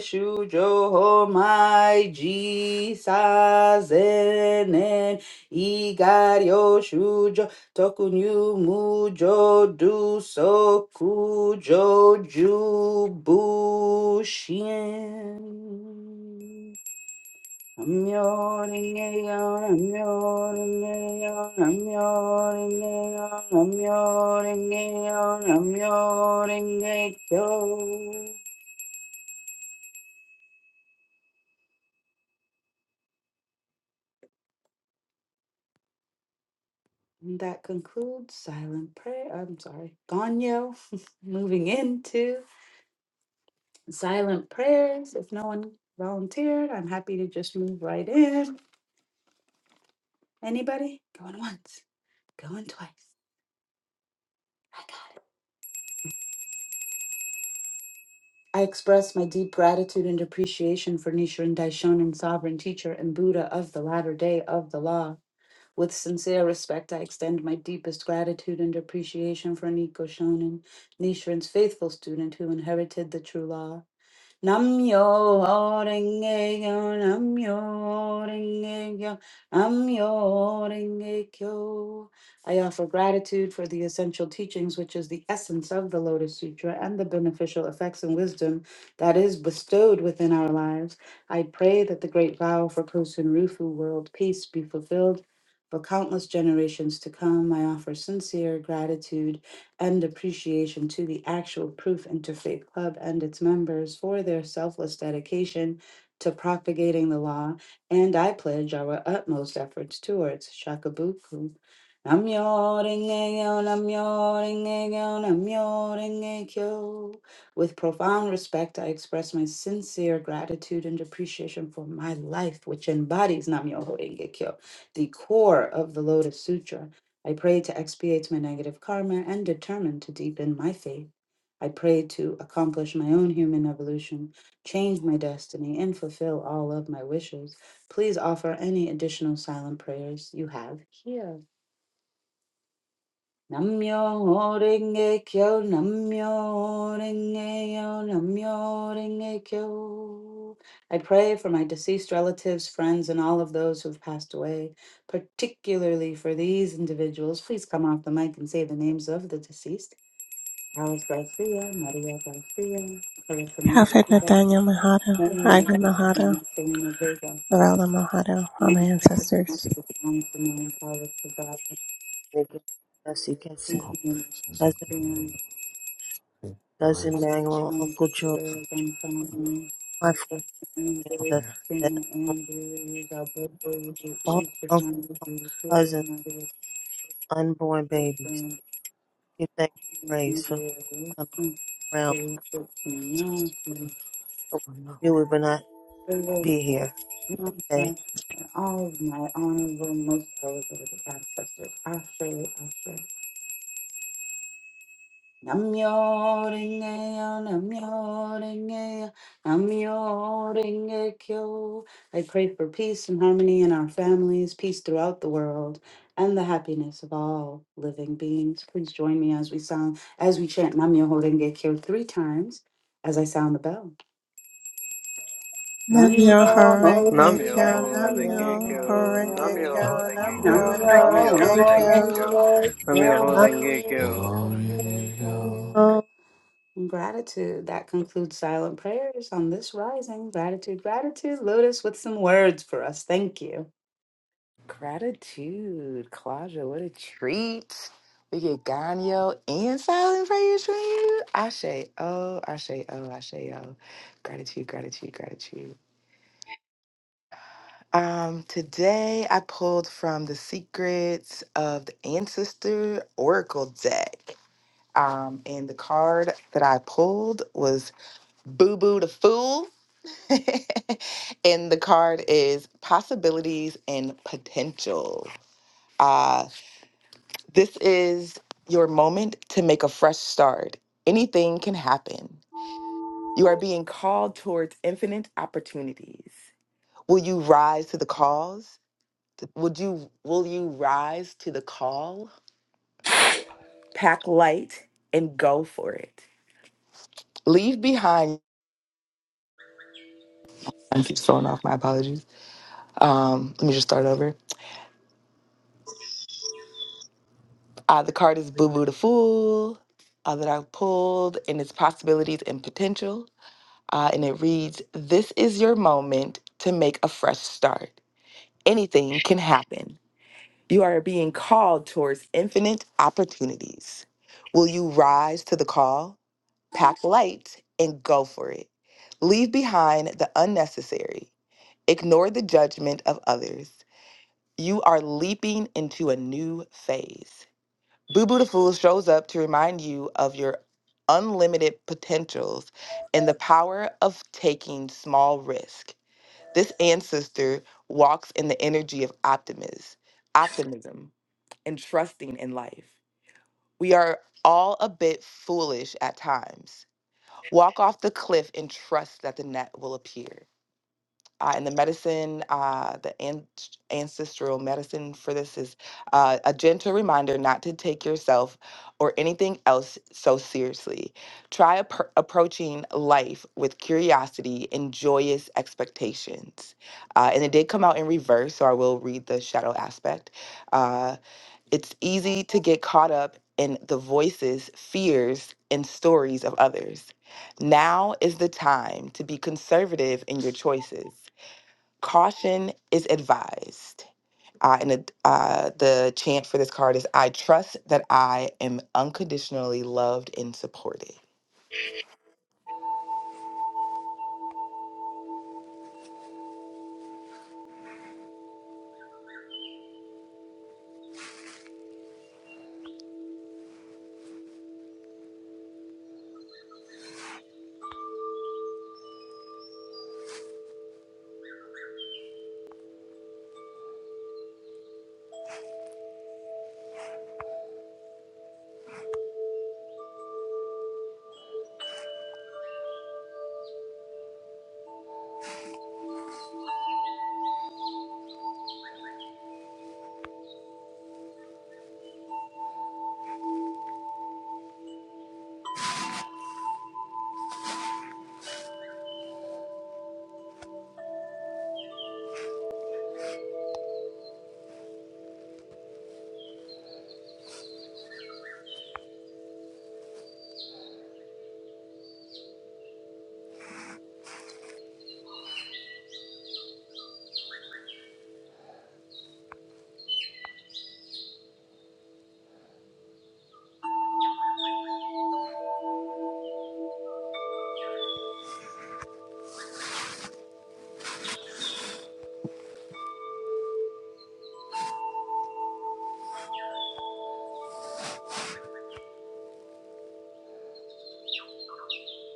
Speaker 1: ho mai ji sa zenen i ga ryo shu du so ku jo ju bu and that concludes silent prayer. I'm sorry, Ganyo. Moving into silent prayers. If no one volunteered, I'm happy to just move right in. Anybody? Going once, going twice. I got I express my deep gratitude and appreciation for Nichiren Daishonin, sovereign teacher and Buddha of the latter day of the law. With sincere respect, I extend my deepest gratitude and appreciation for Niko Shonin, Nichiren's faithful student who inherited the true law. Namyo Renge Kyo, namyo 랭개교 남요 namyo 남요 랭개교 I offer gratitude for the essential teachings, which is the essence of the Lotus Sutra and the beneficial effects and wisdom that is bestowed within our lives. I pray that the great vow for Kosen Rufu world peace be fulfilled for countless generations to come. I offer sincere gratitude and appreciation to the actual Proof Interfaith Club and its members for their selfless dedication to propagating the law, and I pledge our utmost efforts towards Shakabuku. Namyo Renge-kyo, Namyo Renge-kyo, Namyo Renge-kyo. With profound respect, I express my sincere gratitude and appreciation for my life, which embodies Namyo Renge-kyo, the core of the Lotus Sutra. I pray to expiate my negative karma and determine to deepen my faith. I pray to accomplish my own human evolution, change my destiny, and fulfill all of my wishes. Please offer any additional silent prayers you have here. Namyo renge kyo, namyo renge yo, namyo renge kyo. I pray for my deceased relatives, friends, and all of those who have passed away, particularly for these individuals. Please come off the mic and say the names of the deceased. Alice Garcia, Maria Garcia, Clarissa
Speaker 2: Prophet
Speaker 1: Maria,
Speaker 2: Nathaniel Mahado,
Speaker 1: Manuel
Speaker 2: Ivan Mahado,
Speaker 1: Garcia, Selena Vega,
Speaker 2: Varela Mahado, all my
Speaker 1: Nancy
Speaker 2: ancestors.
Speaker 1: Sinatra, Simone Paula Tavares,
Speaker 9: Thank you, Bessie Kinson,
Speaker 1: Christina
Speaker 6: This is
Speaker 9: Cousin,
Speaker 6: a
Speaker 1: Garcia,
Speaker 6: community life
Speaker 9: Cousin
Speaker 1: I'm
Speaker 9: Manuel,
Speaker 1: and
Speaker 9: Uncle Joe,
Speaker 1: family,
Speaker 9: my four
Speaker 1: the things that they
Speaker 9: ancestors,
Speaker 6: areas.
Speaker 9: that
Speaker 1: scream and
Speaker 9: unknown,
Speaker 1: believe. I both ways to
Speaker 9: all
Speaker 1: eat, but my
Speaker 9: uncle,
Speaker 1: to feel
Speaker 9: cousins,
Speaker 1: my little
Speaker 9: unborn babies.
Speaker 1: children
Speaker 9: Give thanks and praise
Speaker 1: and
Speaker 9: for
Speaker 1: their
Speaker 9: coming
Speaker 1: reason.
Speaker 9: around.
Speaker 1: They took me in to
Speaker 9: For what I knew it, but not.
Speaker 1: service
Speaker 9: be
Speaker 1: for
Speaker 9: here.
Speaker 1: children
Speaker 9: Okay.
Speaker 1: and all of my honorable, most elevated ancestors, I say, I say. Namyo Rengeyo, Namyo Rengeyo, Namyo Rengekyo. I pray for peace and harmony in our families, peace throughout the world, and the happiness of all living beings. Please join me as we sound, as we chant Namyo Rengekyo three times as I sound the bell. Namyo
Speaker 2: Namyo Horenge
Speaker 1: Renge
Speaker 2: Kyo,
Speaker 7: Namyoho
Speaker 4: I'm your
Speaker 7: Denge
Speaker 2: Namyo
Speaker 7: Kyo,
Speaker 2: Horenge
Speaker 6: Um,
Speaker 4: yo.
Speaker 7: Namyoho
Speaker 2: Kyo,
Speaker 4: I'm
Speaker 7: Denge
Speaker 1: Kyo,
Speaker 6: your
Speaker 7: Kyo,
Speaker 2: Namyo
Speaker 4: your
Speaker 7: Namyoho
Speaker 2: Horenge
Speaker 6: your
Speaker 7: Denge
Speaker 1: Namyo
Speaker 6: um,
Speaker 7: Kyo,
Speaker 2: Kyo.
Speaker 7: Namyoho Denge
Speaker 1: Renge
Speaker 6: your your
Speaker 1: Kyo.
Speaker 4: yo.
Speaker 9: Uh,
Speaker 1: Gratitude. That concludes silent prayers on this rising. Gratitude, gratitude. Lotus with some words for us. Thank you.
Speaker 4: Gratitude, Claudia. What a treat. We get Ganyo and silent prayers from you. Ashe, oh, Ashe, oh, Ashe, oh. Gratitude, gratitude, gratitude. Um, today I pulled from the Secrets of the Ancestor Oracle deck. Um, and the card that I pulled was Boo Boo the Fool. and the card is Possibilities and Potential. Uh, this is your moment to make a fresh start. Anything can happen. You are being called towards infinite opportunities. Will you rise to the cause? Would you will you rise to the call? Pack light and go for it. Leave behind I keep throwing off my apologies Um, let me just start over. Uh, the card is Boo Boo the Fool uh, that I pulled, and its possibilities and potential. Uh, and it reads This is your moment to make a fresh start. Anything can happen. You are being called towards infinite opportunities. Will you rise to the call, pack light, and go for it? Leave behind the unnecessary, ignore the judgment of others. You are leaping into a new phase. Boo Boo the Fool shows up to remind you of your unlimited potentials and the power of taking small risk. This ancestor walks in the energy of optimism, optimism and trusting in life. We are all a bit foolish at times. Walk off the cliff and trust that the net will appear. Uh, and the medicine, uh, the an- ancestral medicine for this is uh, a gentle reminder not to take yourself or anything else so seriously. Try appro- approaching life with curiosity and joyous expectations. Uh, and it did come out in reverse, so I will read the shadow aspect. Uh, it's easy to get caught up in the voices, fears, and stories of others. Now is the time to be conservative in your choices. Caution is advised. Uh, and it- uh, the chant for this card is I trust that I am unconditionally loved and supported.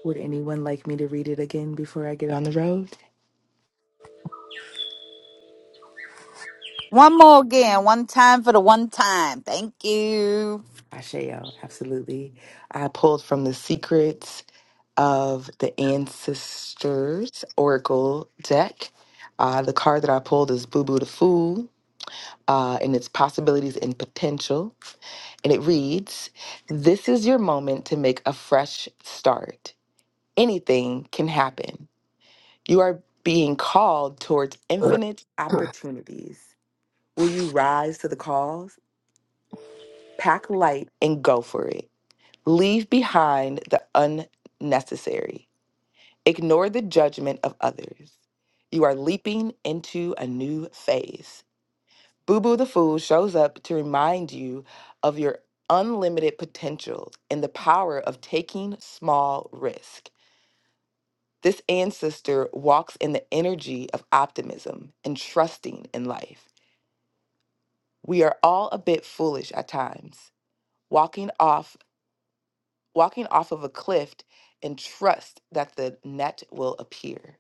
Speaker 4: Would anyone like me to read it again before I get on the road?
Speaker 1: One more again, one time for the one time. Thank you.
Speaker 4: Asheo, absolutely. I pulled from the Secrets of the Ancestors Oracle deck. Uh, the card that I pulled is Boo Boo the Fool. uh, and its possibilities and potential. And it reads This is your moment to make a fresh start. Anything can happen. You are being called towards infinite opportunities. Will you rise to the calls? Pack light and go for it. Leave behind the unnecessary. Ignore the judgment of others. You are leaping into a new phase. Boo Boo the Fool shows up to remind you of your unlimited potential and the power of taking small risk. This ancestor walks in the energy of optimism and trusting in life. We are all a bit foolish at times, walking off walking off of a cliff and trust that the net will appear.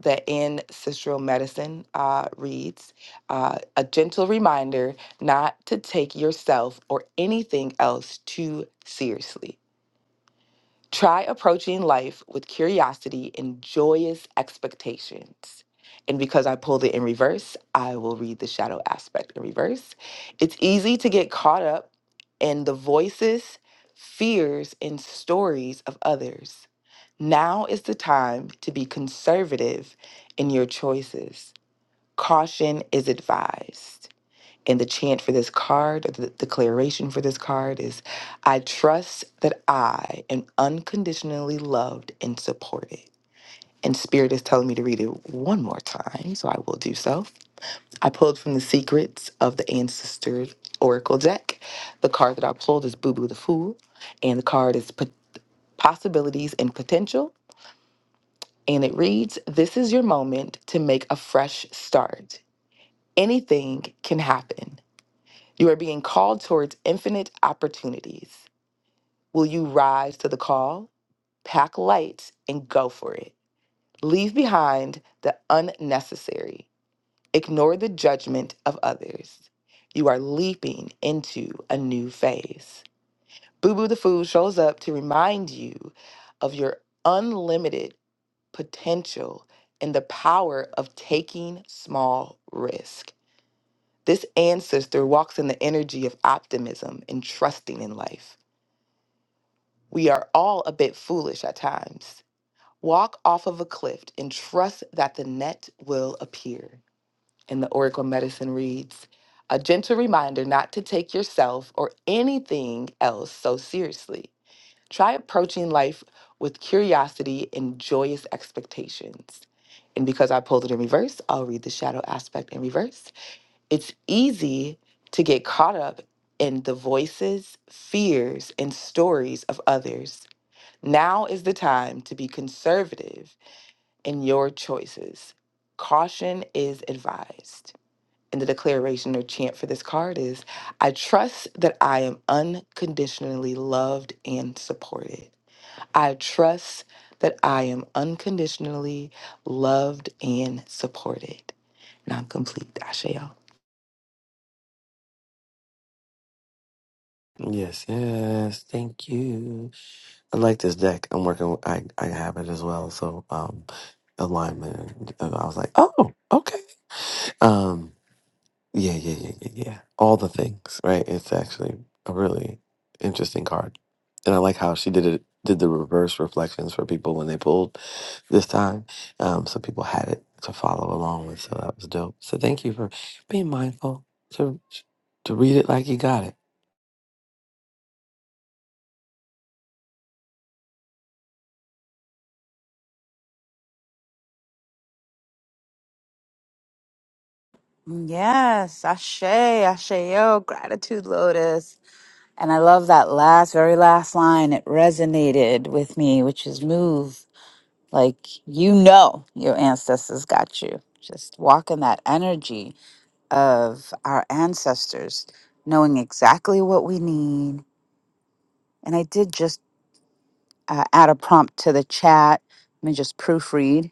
Speaker 4: that in Sister Medicine uh, reads uh, a gentle reminder not to take yourself or anything else too seriously. Try approaching life with curiosity and joyous expectations. And because I pulled it in reverse, I will read the shadow aspect in reverse. It's easy to get caught up in the voices, fears, and stories of others. Now is the time to be conservative in your choices. Caution is advised. And the chant for this card, or the declaration for this card is I trust that I am unconditionally loved and supported. And Spirit is telling me to read it one more time, so I will do so. I pulled from the Secrets of the Ancestor Oracle deck. The card that I pulled is Boo Boo the Fool, and the card is P- Possibilities and Potential. and it reads This is your moment to make a fresh start. Anything can happen. You are being called towards infinite opportunities. Will you rise to the call? Pack light and go for it. Leave behind the unnecessary. Ignore the judgment of others. You are leaping into a new phase. Boo Boo the Food shows up to remind you of your unlimited potential and the power of taking small risk. This ancestor walks in the energy of optimism and trusting in life. We are all a bit foolish at times. Walk off of a cliff and trust that the net will appear. And the Oracle Medicine reads A gentle reminder not to take yourself or anything else so seriously. Try approaching life with curiosity and joyous expectations. And because I pulled it in reverse, I'll read the shadow aspect in reverse. It's easy to get caught up in the voices, fears, and stories of others. Now is the time to be conservative in your choices. Caution is advised. And the declaration or chant for this card is I trust that I am unconditionally loved and supported. I trust that I am unconditionally loved and supported. And I'm complete. Ashael.
Speaker 6: Yes, yes, thank you. I like this deck. I'm working. with- I I have it as well. So um, alignment. and I was like, oh, okay. Um. Yeah, yeah, yeah, yeah, yeah. All the things, right? It's actually a really interesting card. And I like how she did it did the reverse reflections for people when they pulled this time. Um, so people had it to follow along with. So that was dope. So thank you for being mindful to to read it like you got it.
Speaker 1: Yes, Ashe, Asheo, gratitude, Lotus. And I love that last, very last line. It resonated with me, which is move like you know your ancestors got you. Just walk in that energy of our ancestors knowing exactly what we need. And I did just uh, add a prompt to the chat. Let me just proofread.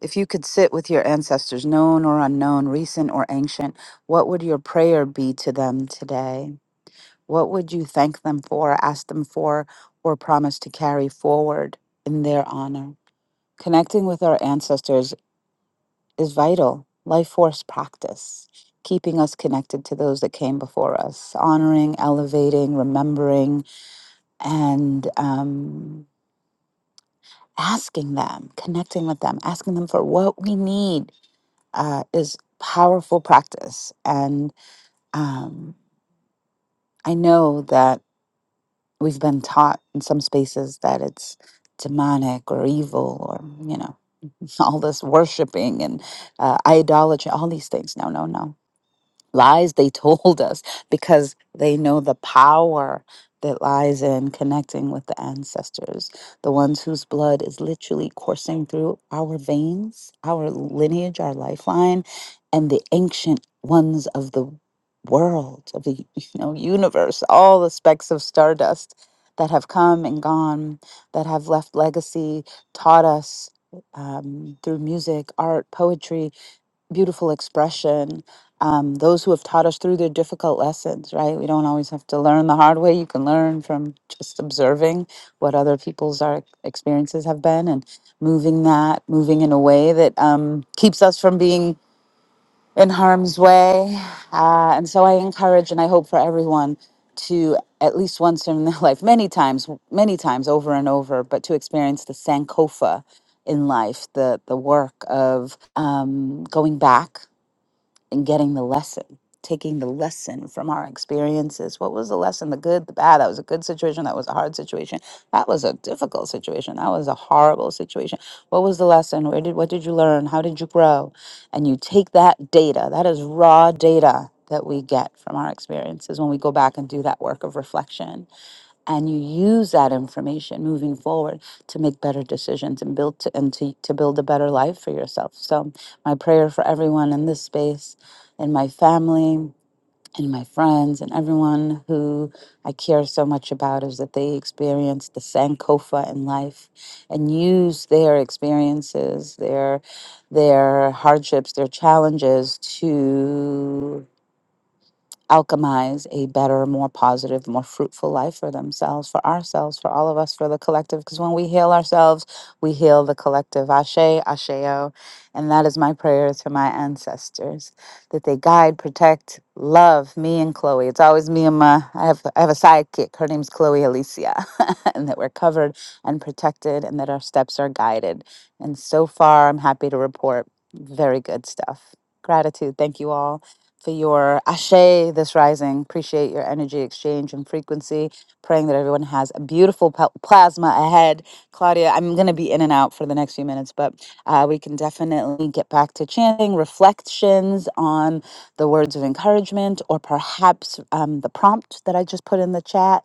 Speaker 1: If you could sit with your ancestors, known or unknown, recent or ancient, what would your prayer be to them today? What would you thank them for, ask them for, or promise to carry forward in their honor? Connecting with our ancestors is vital, life force practice, keeping us connected to those that came before us, honoring, elevating, remembering, and um, asking them, connecting with them, asking them for what we need uh, is powerful practice. And um, I know that we've been taught in some spaces that it's demonic or evil or, you know, all this worshiping and uh, idolatry, all these things. No, no, no lies they told us because they know the power that lies in connecting with the ancestors, the ones whose blood is literally coursing through our veins, our lineage, our lifeline, and the ancient ones of the world, of the you know, universe, all the specks of stardust that have come and gone, that have left legacy, taught us um, through music, art, poetry, beautiful expression. Um, those who have taught us through their difficult lessons, right? We don't always have to learn the hard way. You can learn from just observing what other people's our experiences have been and moving that, moving in a way that um, keeps us from being in harm's way. Uh, and so I encourage and I hope for everyone to at least once in their life, many times, many times over and over, but to experience the Sankofa in life, the the work of um, going back and getting the lesson, taking the lesson from our experiences. What was the lesson? The good, the bad. That was a good situation. That was a hard situation. That was a difficult situation. That was a horrible situation. What was the lesson? Where did what did you learn? How did you grow? And you take that data. That is raw data that we get from our experiences when we go back and do that work of reflection and you use that information moving forward to make better decisions and build to, and to, to build a better life for yourself so my prayer for everyone in this space in my family in my friends and everyone who I care so much about is that they experience the Sankofa in life and use their experiences, their their hardships, their challenges to alchemize a better, more positive, more fruitful life for themselves, for ourselves, for all of us, for the collective. Because when we heal ourselves, we heal the collective. Ashe, Asheo. And that is my prayer to my ancestors that they guide, protect, love me and Chloe. It's always me and my, I have, I have a sidekick. Her name's Chloe Alicia. and that we're covered and protected and that our steps are guided. And so far, I'm happy to report very good stuff. Gratitude. Thank you all for your ashe this rising. Appreciate your energy exchange and frequency. Praying that everyone has a beautiful pa- plasma ahead. Claudia, I'm going to be in and out for the next few minutes, but uh, we can definitely get back to chanting reflections on the words of encouragement or perhaps um, the prompt that I just put in the chat.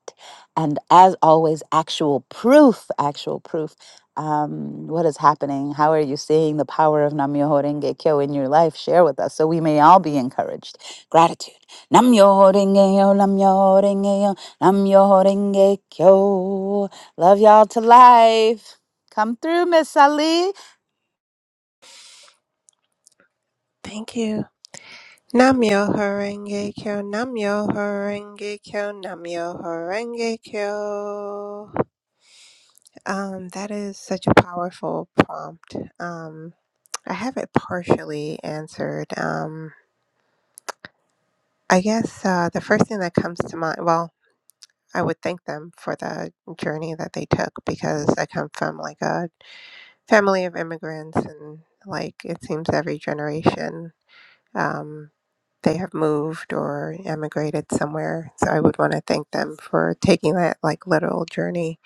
Speaker 1: And as always, actual proof, actual proof um, what is happening? How are you seeing the power of Namyoho Renge Kyo in your life? Share with us so we may all be encouraged. Gratitude. Namyoho Renge Yo, Namyoho Renge Yo, Namyoho Renge Kyo. Love y'all to life. Come through, Miss Ali.
Speaker 2: Thank you. Namyo Horenge Kyo, Namyo Horenge Kyo, Namyo Horenge Kyo. Um, that is such a powerful prompt. Um, I have it partially answered. Um, I guess uh, the first thing that comes to mind, well, I would thank them for the journey that they took because I come from like a family of immigrants and like it seems every generation um, they have moved or emigrated somewhere. So I would want to thank them for taking that like literal journey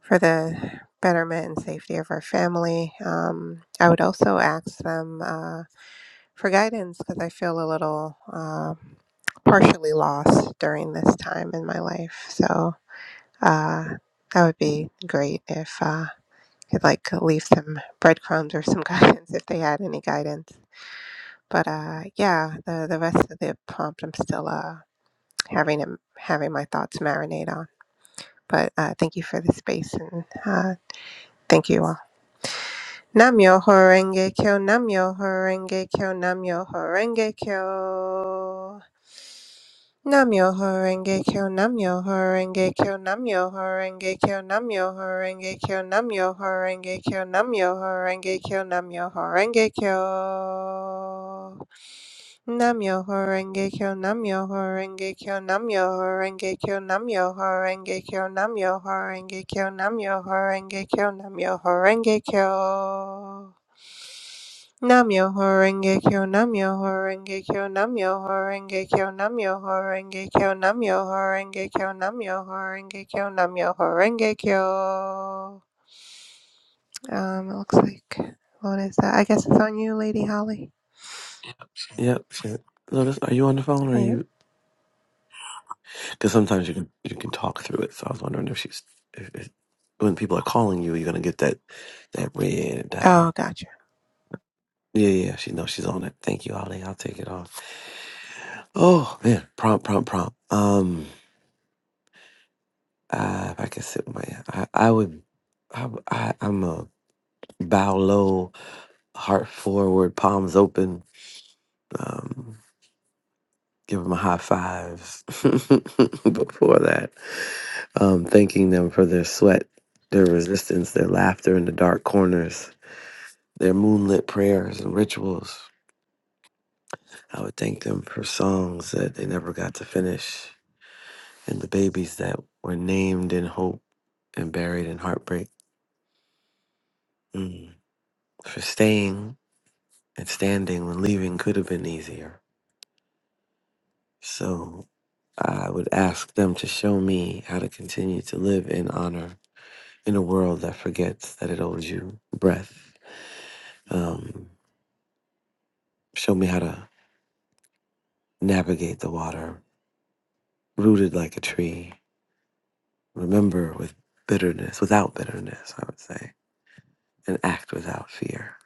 Speaker 2: for the betterment and safety of our family. Um, I would also ask them uh, for guidance because I feel a little uh, partially lost during this time in my life. So uh, that would be great if uh, could like leave some breadcrumbs or some guidance if they had any guidance. But uh, yeah, the the rest of the prompt, I'm still uh, having them having my thoughts marinate on. But uh, thank you for the space and uh, thank you all. Namyo horenge kyo, namyo horenge kyo, namyo horenge kyo. Namyoho Renge Kyo Namyoho Renge Kyo Namyoho Renge Kyo Namyoho Renge Kyo Namyoho Renge Kyo Namyoho Renge Kyo Namyoho Renge Kyo Namyoho Renge Kyo Namyoho Renge Kyo Namyoho Renge Kyo Namyoho Renge Kyo Namyoho Renge Kyo Namyoho Renge Kyo Namyoho Renge Kyo Namyoho Renge Kyo Namyoho Renge Kyo Namyoho horenge Kyo Namyoho Renge Kyo Namyoho Renge Kyo Namyoho Renge Kyo Namyoho horenge Kyo. Um, it looks like what is that? I guess it's on you, Lady Holly.
Speaker 6: Yep, shit. Lotus, are you on the phone or
Speaker 2: Are
Speaker 6: are
Speaker 2: you?
Speaker 6: you because sometimes you can you can talk through it. So I was wondering if she's if, if when people are calling you, you're gonna get that that red dot.
Speaker 2: Oh, gotcha.
Speaker 6: Yeah, yeah, yeah. she knows she's on it. Thank you, Ollie. I'll take it off. Oh man, prompt, prompt, prompt. Um, uh, if I could sit with my, I, I would, I, w- I, am a bow low, heart forward, palms open. Um, give them a high five. Before that, um, thanking them for their sweat, their resistance, their laughter in the dark corners, their moonlit prayers and rituals. I would thank them for songs that they never got to finish and the babies that were named in hope and buried in heartbreak. Mm. For staying and standing when leaving could have been easier. So I would ask them to show me how to continue to live in honor in a world that forgets that it owes you breath. Um, show me how to navigate the water, rooted like a tree. Remember with bitterness, without bitterness, I would say, and act without fear.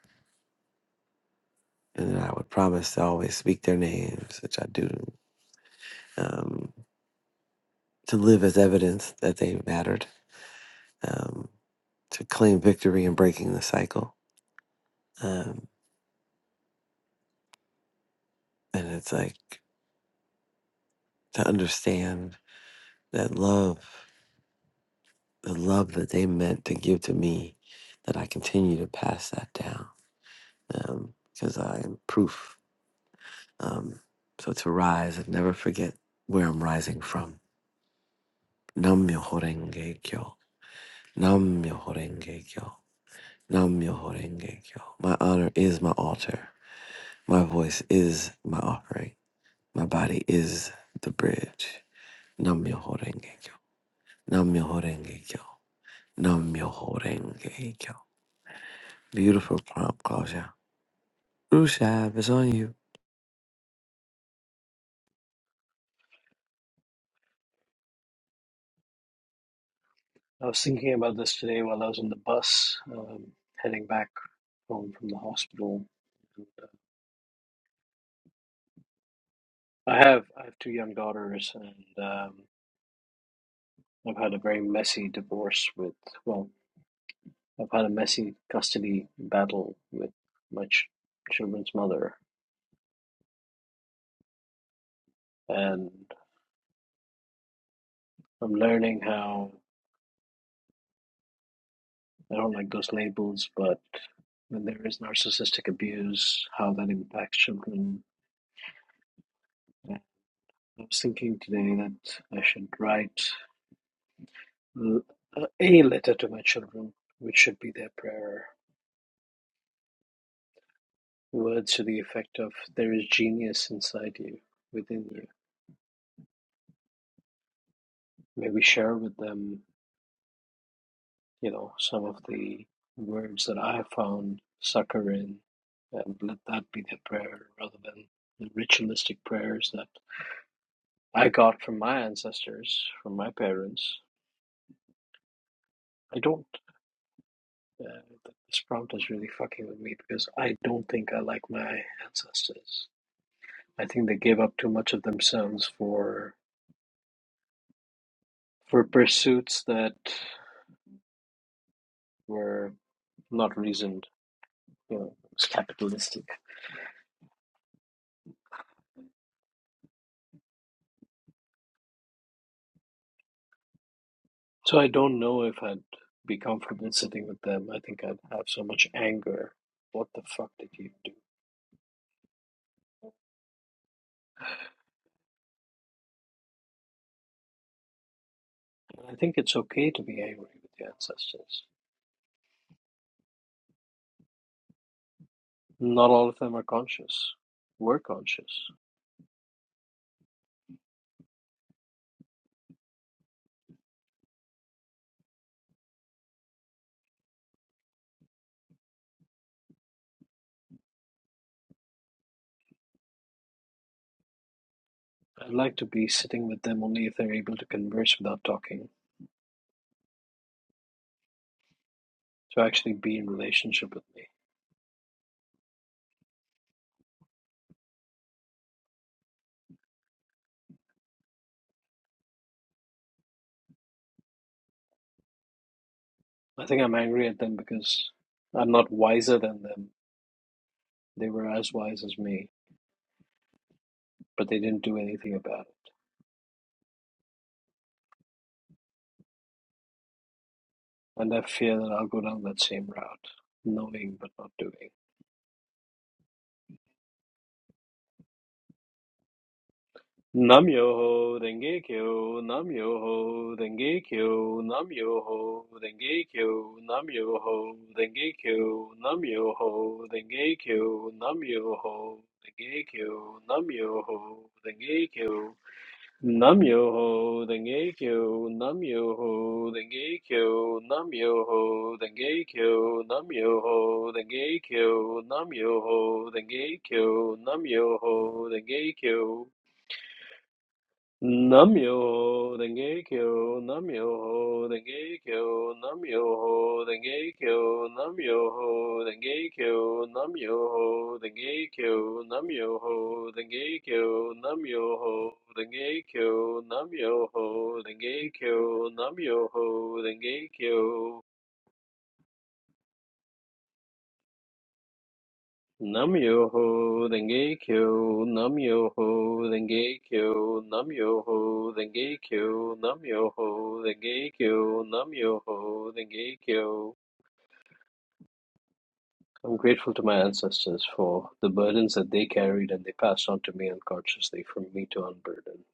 Speaker 6: and I would promise to always speak their names, which I do, um, to live as evidence that they mattered, um, to claim victory in breaking the cycle. Um, and it's like to understand that love, the love that they meant to give to me, that I continue to pass that down because I am proof. Um, so to rise and never forget where I'm rising from. Nam myoho renge kyo. Nam myoho renge kyo. Nam myoho renge kyo. My honor is my altar. My voice is my offering. My body is the bridge. Nam myoho renge kyo. Nam myoho renge kyo. Nam myoho renge kyo. Beautiful prompt, closure. Rushab is on you.
Speaker 7: I was thinking about this today while I was on the bus um, heading back home from the hospital. And, uh, I have I have two young daughters, and um, I've had a very messy divorce with well, I've had a messy custody battle with my ch- children's mother, and I'm learning how. I don't like those labels, but when there is narcissistic abuse, how that impacts children. I was thinking today that I should write l- uh, a letter to my children, which should be their prayer. Words to the effect of, There is genius inside you, within you. Maybe share with them, you know, some of the words that I have found succor in, and let that be their prayer rather than the ritualistic prayers that. I got from my ancestors, from my parents. I don't. Uh, this prompt is really fucking with me because I don't think I like my ancestors. I think they gave up too much of themselves for for pursuits that were not reasoned. You know, it was capitalistic. So I don't know if I'd be comfortable sitting with them. I think I'd have so much anger. What the fuck did you do? And I think it's okay to be angry with your ancestors. Not all of them are conscious. We're conscious. I'd like to be sitting with them only if they're able to converse without talking, to actually be in relationship with me. I think I'm angry at them because I'm not wiser than them. They were as wise as me, but they didn't do anything about it. And I fear that I'll go down that same route, knowing but not doing. Nam Yoho Denge Kyo, Nam Yoho Denge Kyo, Nam Yoho Denge Kyo, Nam Yoho Denge Kyo, Nam Yoho Denge Kyo, Nam Yoho Denge Kyo, Nam Yoho Denge Kyo, Nam Yoho Denge Kyo, Nam Yoho Denge Kyo, Nam Yoho Denge Kyo, Nam Yoho Denge Kyo, Nam Yoho Denge Kyo, Nam Yoho Denge Kyo. Namyo Denge Kyo, Namyo Denge Kyo, Namyo Denge Kyo, Namyo Denge Kyo, Namyo Denge Kyo, Namyo Denge Kyo, Namyo Denge Kyo, Namyo Denge Kyo, Namyo Denge Kyo. Nam yo ho, denge kyo, nam yo ho, denge kyo, nam yo ho, denge kyo, nam yo ho, denge kyo, nam yo ho, denge kyo. I'm grateful to my ancestors for the burdens that they carried and they passed on to me unconsciously for me to unburden.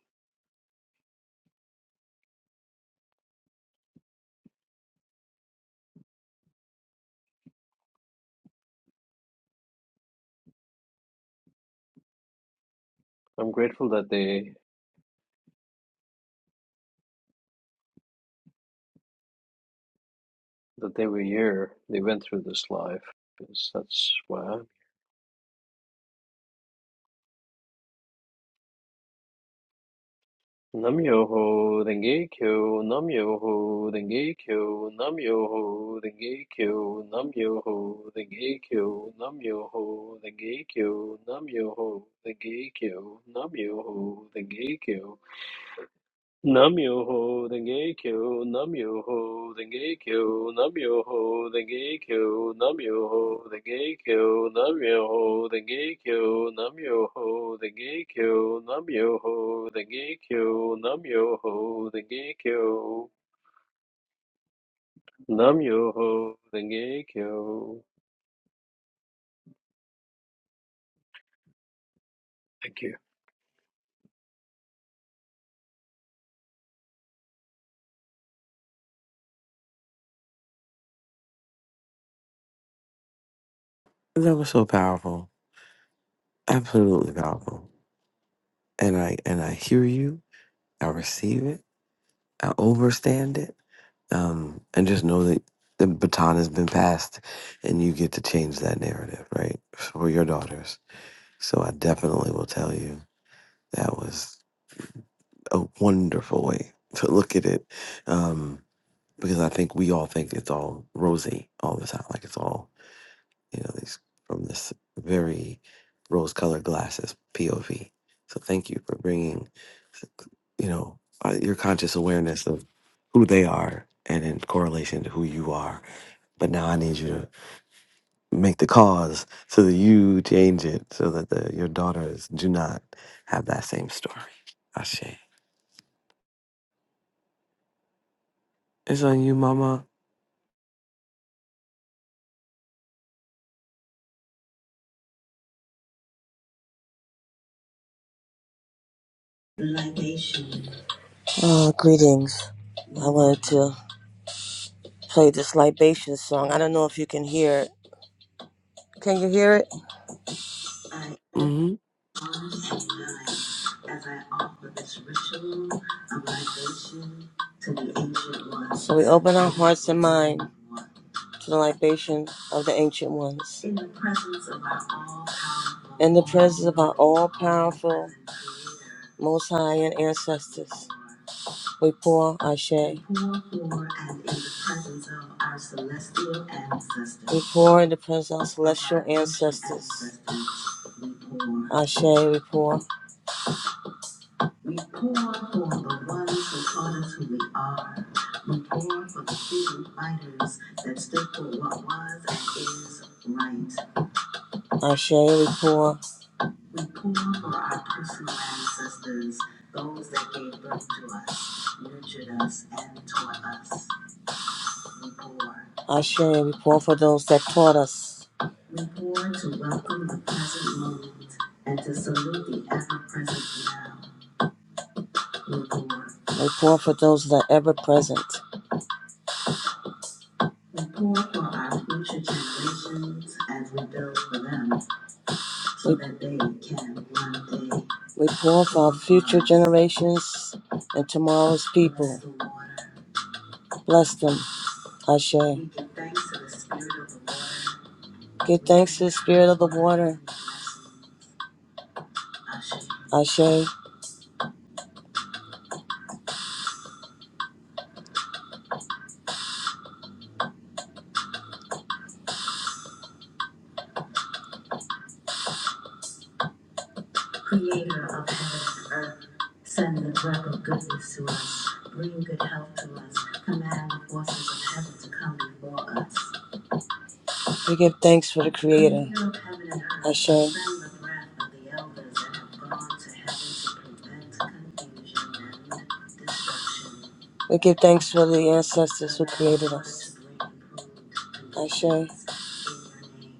Speaker 7: I'm grateful that they that they were here, they went through this life, because that's why I'm Nam Yoho Denge Kyo, Nam Yoho Denge Kyo, Nam Yoho Denge Kyo, Nam Yoho Denge Kyo, Nam Yoho Denge Kyo, Nam Yoho Denge Kyo, Nam Yoho Denge Kyo, Namyoho Denge Kyo, Namyoho Denge Kyo, Namyoho Denge Kyo, Namyoho Denge Kyo, Namyoho Denge Kyo, Namyoho Denge Kyo, Namyoho Denge Kyo, Namyoho Denge Kyo, Namyoho Denge Kyo. Thank you.
Speaker 6: That was so powerful. Absolutely powerful. And I and I hear you. I receive it. I overstand it. Um, and just know that the baton has been passed and you get to change that narrative, right? For your daughters. So I definitely will tell you that was a wonderful way to look at it. Um, because I think we all think it's all rosy all the time. Like it's all you know, these from this very rose colored glasses POV. So thank you for bringing, you know, uh, your conscious awareness of who they are and in correlation to who you are. But now I need you to make the cause so that you change it so that the, your daughters do not have that same story. Ashe. It's on you, mama.
Speaker 9: greetings. I wanted to play this libation song. I don't know if you can hear it. Can you hear it?
Speaker 6: Hmm.
Speaker 9: So we open our hearts and mind to the libation of the ancient ones. In the presence of our all powerful, most high, and ancestors. We pour Ashe. We pour in the presence of our celestial ancestors. Ashe, we pour. We pour for the ones who taught us who we are. We pour for the freedom fighters that stood for what was and is right. Ashe, we pour. We pour for our personal ancestors, those that gave birth to us, nurtured us, and taught us. Ashe, we pour for those that taught us. We pour to welcome the present moment and to salute the ever present now. We pour. We pour for those that are ever present. We pour for our future generations as we build for them so that they can one day. We pour for our future generations and tomorrow's people. Bless them, Ashe. We give thanks to the spirit of the Lord Give thanks to the spirit of the water, Ashe. Creator of heaven and earth, send the breath of goodness to us. Bring good health to us. Command the forces of heaven to come before us. We give thanks for the Creator. Creator of heaven and earth, Ashe. Send the breath of the elders that have gone to heaven to prevent confusion and destruction. We give thanks for the ancestors who created us. Ashe.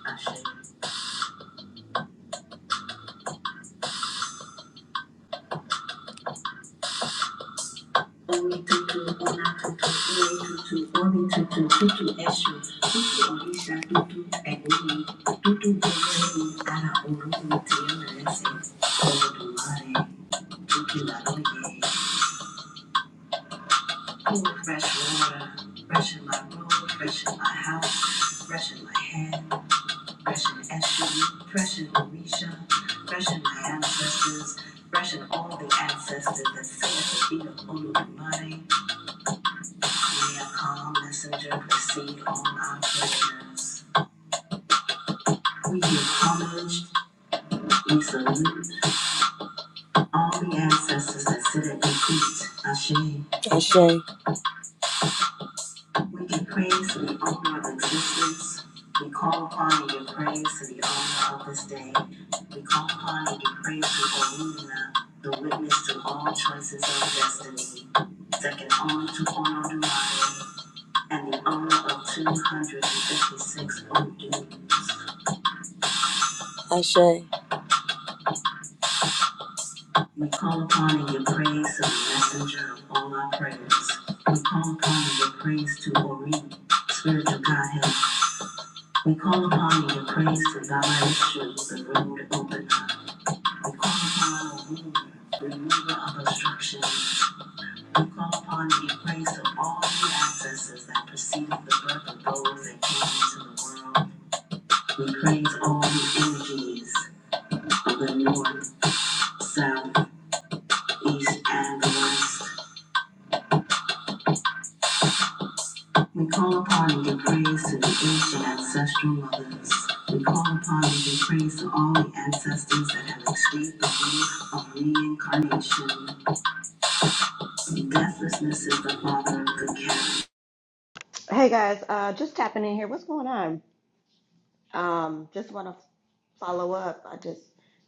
Speaker 9: Fresh water, fresh in my room, fresh in my house, fresh in my head, fresh in Eshu, fresh in Orisha, fresh in my ancestors, fresh in all the ancestors that say the feet of Olodumare, Be a calm messenger, receive all our prayers. We give homage and salute all the ancestors that sit at your feet. Ashe. Ashe. We give praise to the owner of existence. We call upon you to give praise to the owner of this day. We call upon you to give praise to Olumina, the witness to all choices of destiny. Second owner to Ono Dumare, and the owner of 256 Odu. Ashe. We call upon in your praise, so messenger of all our prayers. We call upon in your praise to Ori, Spirit of Godhead. We call upon in your praise to Zion Shoes, the road opener. We call upon a ruler, remover of obstruction. We call upon in your praise to all the ancestors that preceded the birth of those that came into the world. We praise all the energies of the north, south, east, and west. We call upon and give praise to the ancient ancestral mothers. We call upon and give praise to all the ancestors that have escaped the wave of reincarnation. Deathlessness is the father of good care.
Speaker 11: Hey guys, uh, just tapping in here. What's going on? Um, just want to follow up. I just,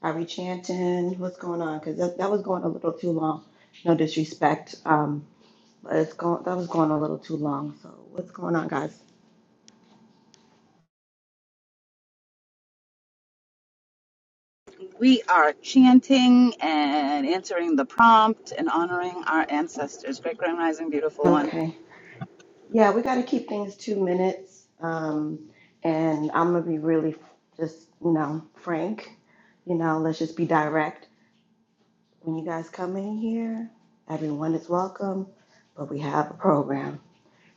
Speaker 11: are we chanting? What's going on? Because that, that was going a little too long. No disrespect. Um, but it's going, that was going a little too long. So what's going on, guys?
Speaker 1: We are chanting and answering the prompt and honoring our ancestors. Great Grand Rising, beautiful one.
Speaker 11: Okay. Yeah, we got to keep things two minutes. Um, and I'm going to be really just, you know, frank. You know, let's just be direct. When you guys come in here, everyone is welcome, but we have a program.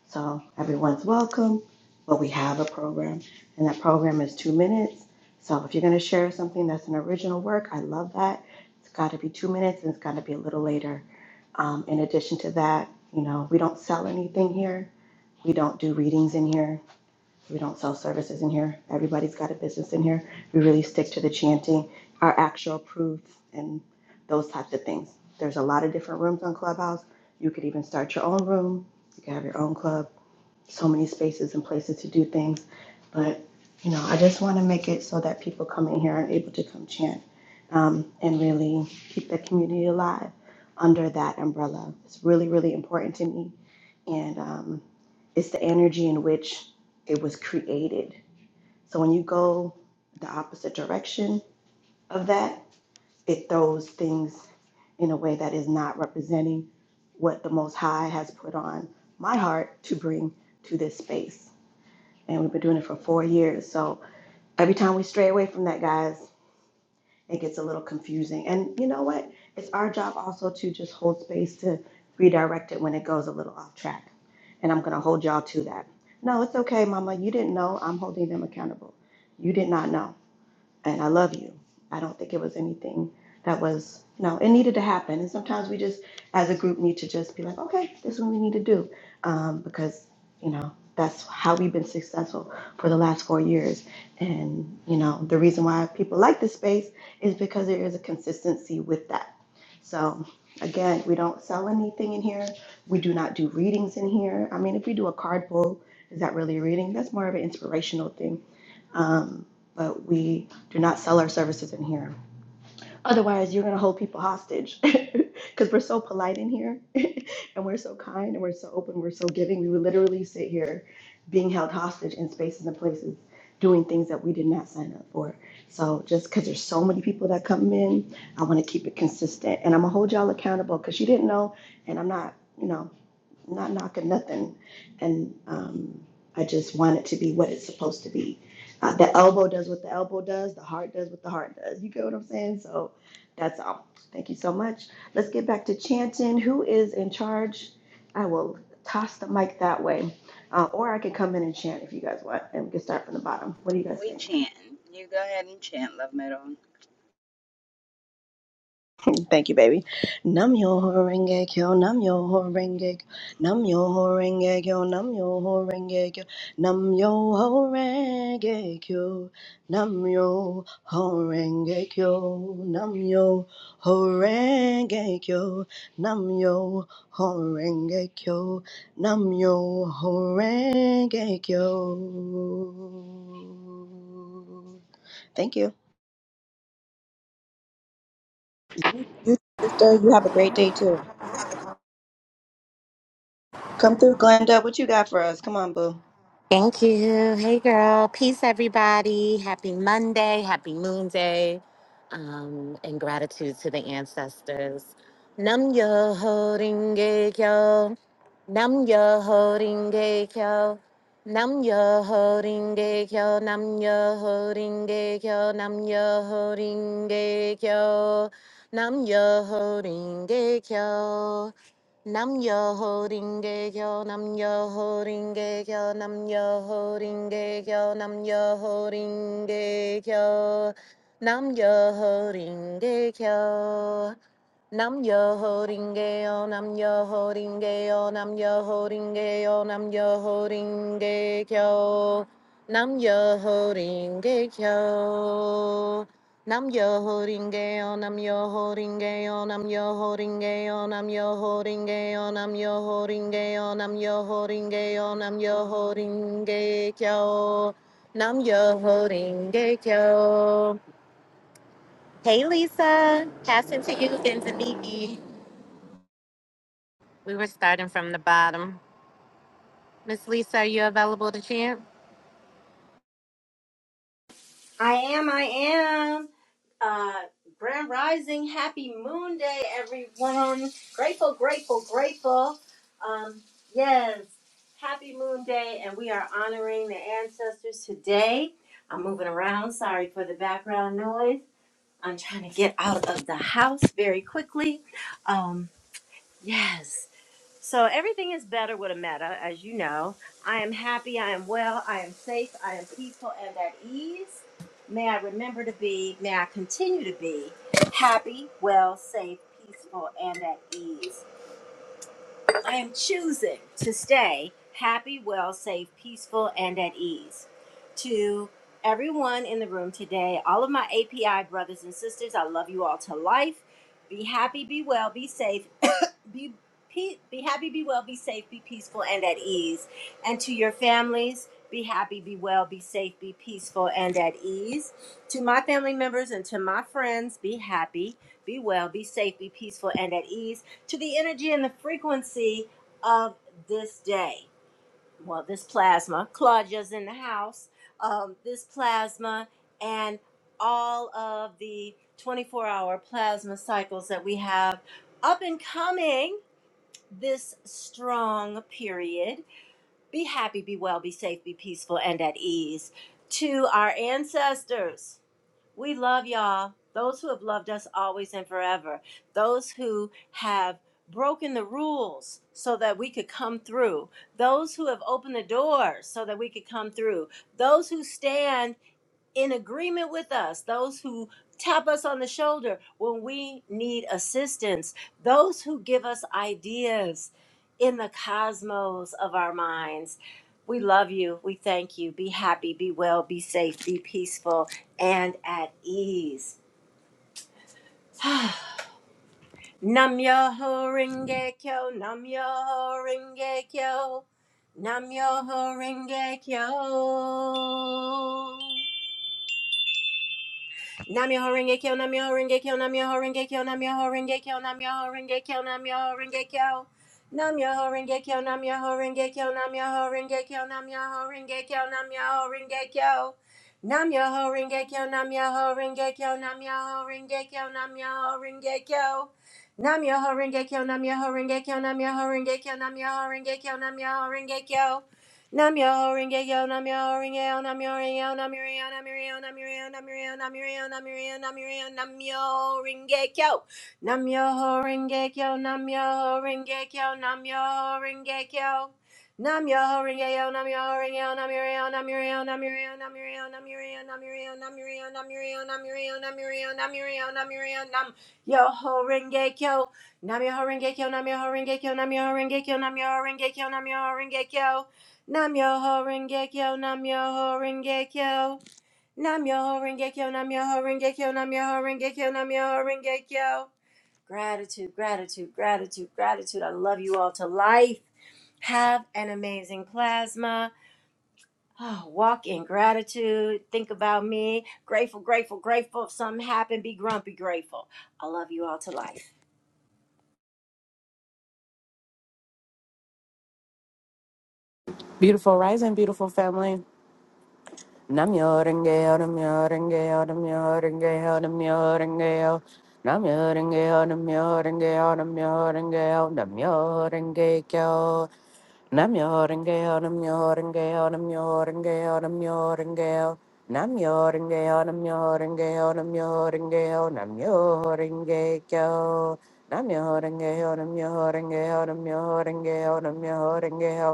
Speaker 11: So everyone's welcome, but we have a program, and that program is two minutes. So if you're going to share something that's an original work, I love that. It's got to be two minutes, and it's got to be a little later. Um, in addition to that, you know, we don't sell anything here. We don't do readings in here. We don't sell services in here. Everybody's got a business in here. We really stick to the chanting, our actual proofs, and those types of things. There's a lot of different rooms on Clubhouse. You could even start your own room. You can have your own club so many spaces and places to do things. But, you know, I just want to make it so that people come in here and able to come chant um, and really keep the community alive under that umbrella. It's really, really important to me. And um, it's the energy in which it was created. So when you go the opposite direction of that, it throws things in a way that is not representing what the Most High has put on my heart to bring to this space and we've been doing it for four years. So every time we stray away from that, guys, it gets a little confusing. And you know what? It's our job also to just hold space to redirect it when it goes a little off track. And I'm going to hold y'all to that. No, it's okay, Mama. You didn't know. I'm holding them accountable. You did not know and I love you. I don't think it was anything that was, you know, it needed to happen. And sometimes we just, as a group, need to just be like, okay, this is what we need to do, um, because you know that's how we've been successful for the last four years. And you know, the reason why people like this space is because there is a consistency with that. So again, we don't sell anything in here. We do not do readings in here. I mean, if we do a card pull, is that really a reading? That's more of an inspirational thing. Um, but we do not sell our services in here. Otherwise, you're going to hold people hostage because we're so polite in here and we're so kind and we're so open, we're so giving. We would literally sit here being held hostage in spaces and places doing things that we did not sign up for. So just because there's so many people that come in, I want to keep it consistent and I'm going to hold y'all accountable because you didn't know and I'm not. You know, not knocking nothing. And um, I just want it to be what it's supposed to be. Uh, the elbow does what the elbow does, the heart does what the heart does. You get what I'm saying? So that's all. Thank you so much. Let's get back to chanting. Who is in charge? I will toss the mic that way. Uh, or I could come in and chant if you guys want and we can start from the bottom. What do you guys
Speaker 1: We
Speaker 11: think?
Speaker 1: chant. You go ahead and chant, Love Meadow.
Speaker 11: Thank you, baby. Nam yo horenge kyo, nam yo horenge kyo, nam yo horenge kyo, nam yo horenge kyo, nam yo horenge kyo, nam yo horenge kyo, nam yo horenge kyo, nam yo horenge kyo, nam yo horenge kyo. Thank you. Sister, you have a great day too. Come through, Glenda. What you got for us? Come on, boo.
Speaker 12: Thank you. Hey, girl. Peace, everybody. Happy Monday. Happy Moon Day. Um, and gratitude to the ancestors. Nam yo holding kyo. Nam yo holding kyo. Nam yo holding kyo. Nam yo holding kyo. Nam yo holding kyo. Nam yo holding kyo. Nam yo holding yo, nam yo holding yo, nam yo holding yo, nam yo holding yo, nam yo holding yo. Nam yo holding yo, nam yo holding yo, nam yo holding yo, nam yo holding yo, nam yo holding yo. Nam yo holding gay on, I'm yo holding gay on, I'm yo holding gay on, I'm yo holding gay on, I'm yo holding gay on, I'm yo holding gay on, I'm yo holding kyo. Nam yo holding kyo. Hey Lisa, passing to you, Benziniki. We were starting from the bottom. Miss Lisa, are you available to chant?
Speaker 13: I am, I am. Uh, Grand Rising, happy moon day, everyone. Grateful, grateful, grateful. Um, yes, happy moon day, and we are honoring the ancestors today. I'm moving around, sorry for the background noise. I'm trying to get out of the house very quickly. Um, yes. So everything is better with a meta, as you know. I am happy, I am well, I am safe, I am peaceful and at ease. May I remember to be, may I continue to be happy, well, safe, peaceful, and at ease. I am choosing to stay happy, well, safe, peaceful, and at ease. To everyone in the room today, all of my API brothers and sisters, I love you all to life. Be happy, be well, be safe, be, pe- be happy, be well, be safe, be peaceful, and at ease. And to your families, be happy, be well, be safe, be peaceful, and at ease. To my family members and to my friends, be happy, be well, be safe, be peaceful, and at ease. To the energy and the frequency of this day. Well, this plasma, Claudia's in the house. Um, this plasma and all of the 24 hour plasma cycles that we have up and coming this strong period. Be happy, be well, be safe, be peaceful, and at ease. To our ancestors, we love y'all. Those who have loved us always and forever. Those who have broken the rules so that we could come through. Those who have opened the doors so that we could come through. Those who stand in agreement with us, those who tap us on the shoulder when we need assistance, those who give us ideas in the cosmos of our minds. We love you. We thank you. Be happy, be well, be safe, be peaceful, and at ease. Nam yo ho ringe kyo, nam yo ho ringe kyo, nam yo ho ringe kyo. Namyoho Renge Kyo, Namyoho Renge Kyo, Namyoho Renge Kyo, Namyoho Renge Kyo, Namyoho Renge Kyo, Namyoho Renge Kyo. Namyoho Renge Kyo, Namyoho Renge Kyo, Namyoho Renge Kyo, Namyoho Renge Kyo, Namyoho Renge Kyo. Namyoho Renge Kyo, Namyoho Renge Kyo, Namyoho Renge Kyo, Namyoho Renge Kyo. Namyoho Renge Kyo, Namyoho Renge Kyo, Namyoho Renge Kyo, Namyoho Renge Kyo, Namyoho Renge Kyo. Namyo Ringeyo Namyo Ringeyo Namyo Ringeyo Namyo Ringeyo Namyo Ringeyo Namyo Ringeyo Namyo Ringeyo Namyo Ringeyo Namyo Ringeyo Namyo Ringeyo Namyo Ringeyo Namyo Ringeyo Namyo Ringeyo Namyo Ringeyo Namyo Ringeyo Namyo Ringeyo Namyo Ringeyo Namyo Ringeyo Namyo Ringeyo Nam yo ho renge kyo, nam yo ho renge kyo. Nam yo ho renge kyo, nam yo ho renge kyo, nam yo ho renge nam yo ho Gratitude, gratitude, gratitude, gratitude. I love you all to life. Have an amazing plasma. Oh, walk in gratitude. Think about me. Grateful, grateful, grateful. If something happened, be grumpy, grateful. I love you all to life.
Speaker 14: Beautiful rising, beautiful family. Namyo renge-yo, namyo renge-yo, namyo renge-yo, namyo renge-yo. Namyo renge-yo, namyo renge-yo, namyo renge-yo, namyo renge-kyo. Namyo renge-yo, namyo renge-yo, namyo renge-yo, namyo renge-yo. Namyo renge-yo, namyo renge-yo, namyo renge-yo, namyo renge-kyo. Namyo renge-yo, namyo renge-yo, namyo renge-yo, namyo renge-yo.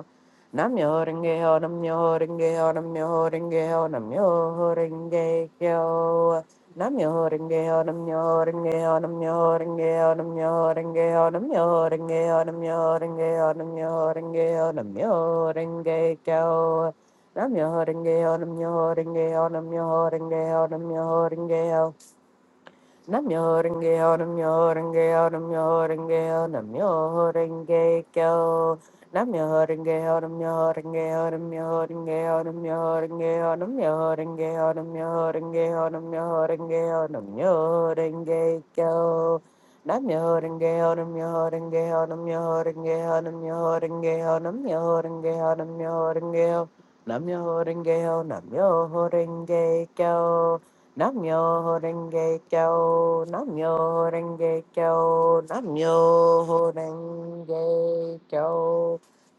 Speaker 14: Namyo renge ho, namyo renge ho, namyo renge ho, namyo renge kyo. Namyo renge ho, namyo renge ho, namyo renge ho, namyo renge ho, namyo renge ho, namyo renge ho, namyo renge ho, namyo renge kyo. Namyo renge ho, namyo renge ho, namyo renge ho, namyo renge ho. Namyo-renge-kyo, Namyo-renge-kyo, Namyo-renge-kyo, Namyo-renge-kyo. Namyo-renge-kyo, Namyo-renge-kyo, Namyo-renge-kyo, Namyo-renge-kyo, Namyo-renge-kyo, Namyo-renge-kyo, Namyo-renge-kyo, Namyo-renge-kyo. Namyo-renge-kyo, Namyo-renge-kyo, Namyo-renge-kyo, Namyo-renge-kyo, Namyo-renge-kyo, Namyo-renge-kyo, Namyo-renge-kyo, Namyo-renge-kyo. Namyo Renge Kyo, Namyo Renge Kyo, Namyo Renge Kyo.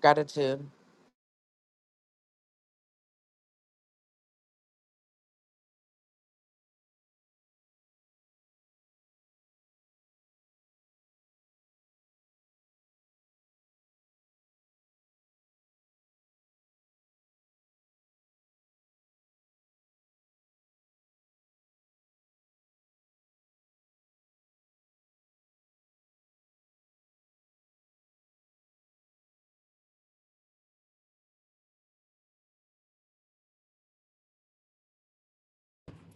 Speaker 14: Gratitude.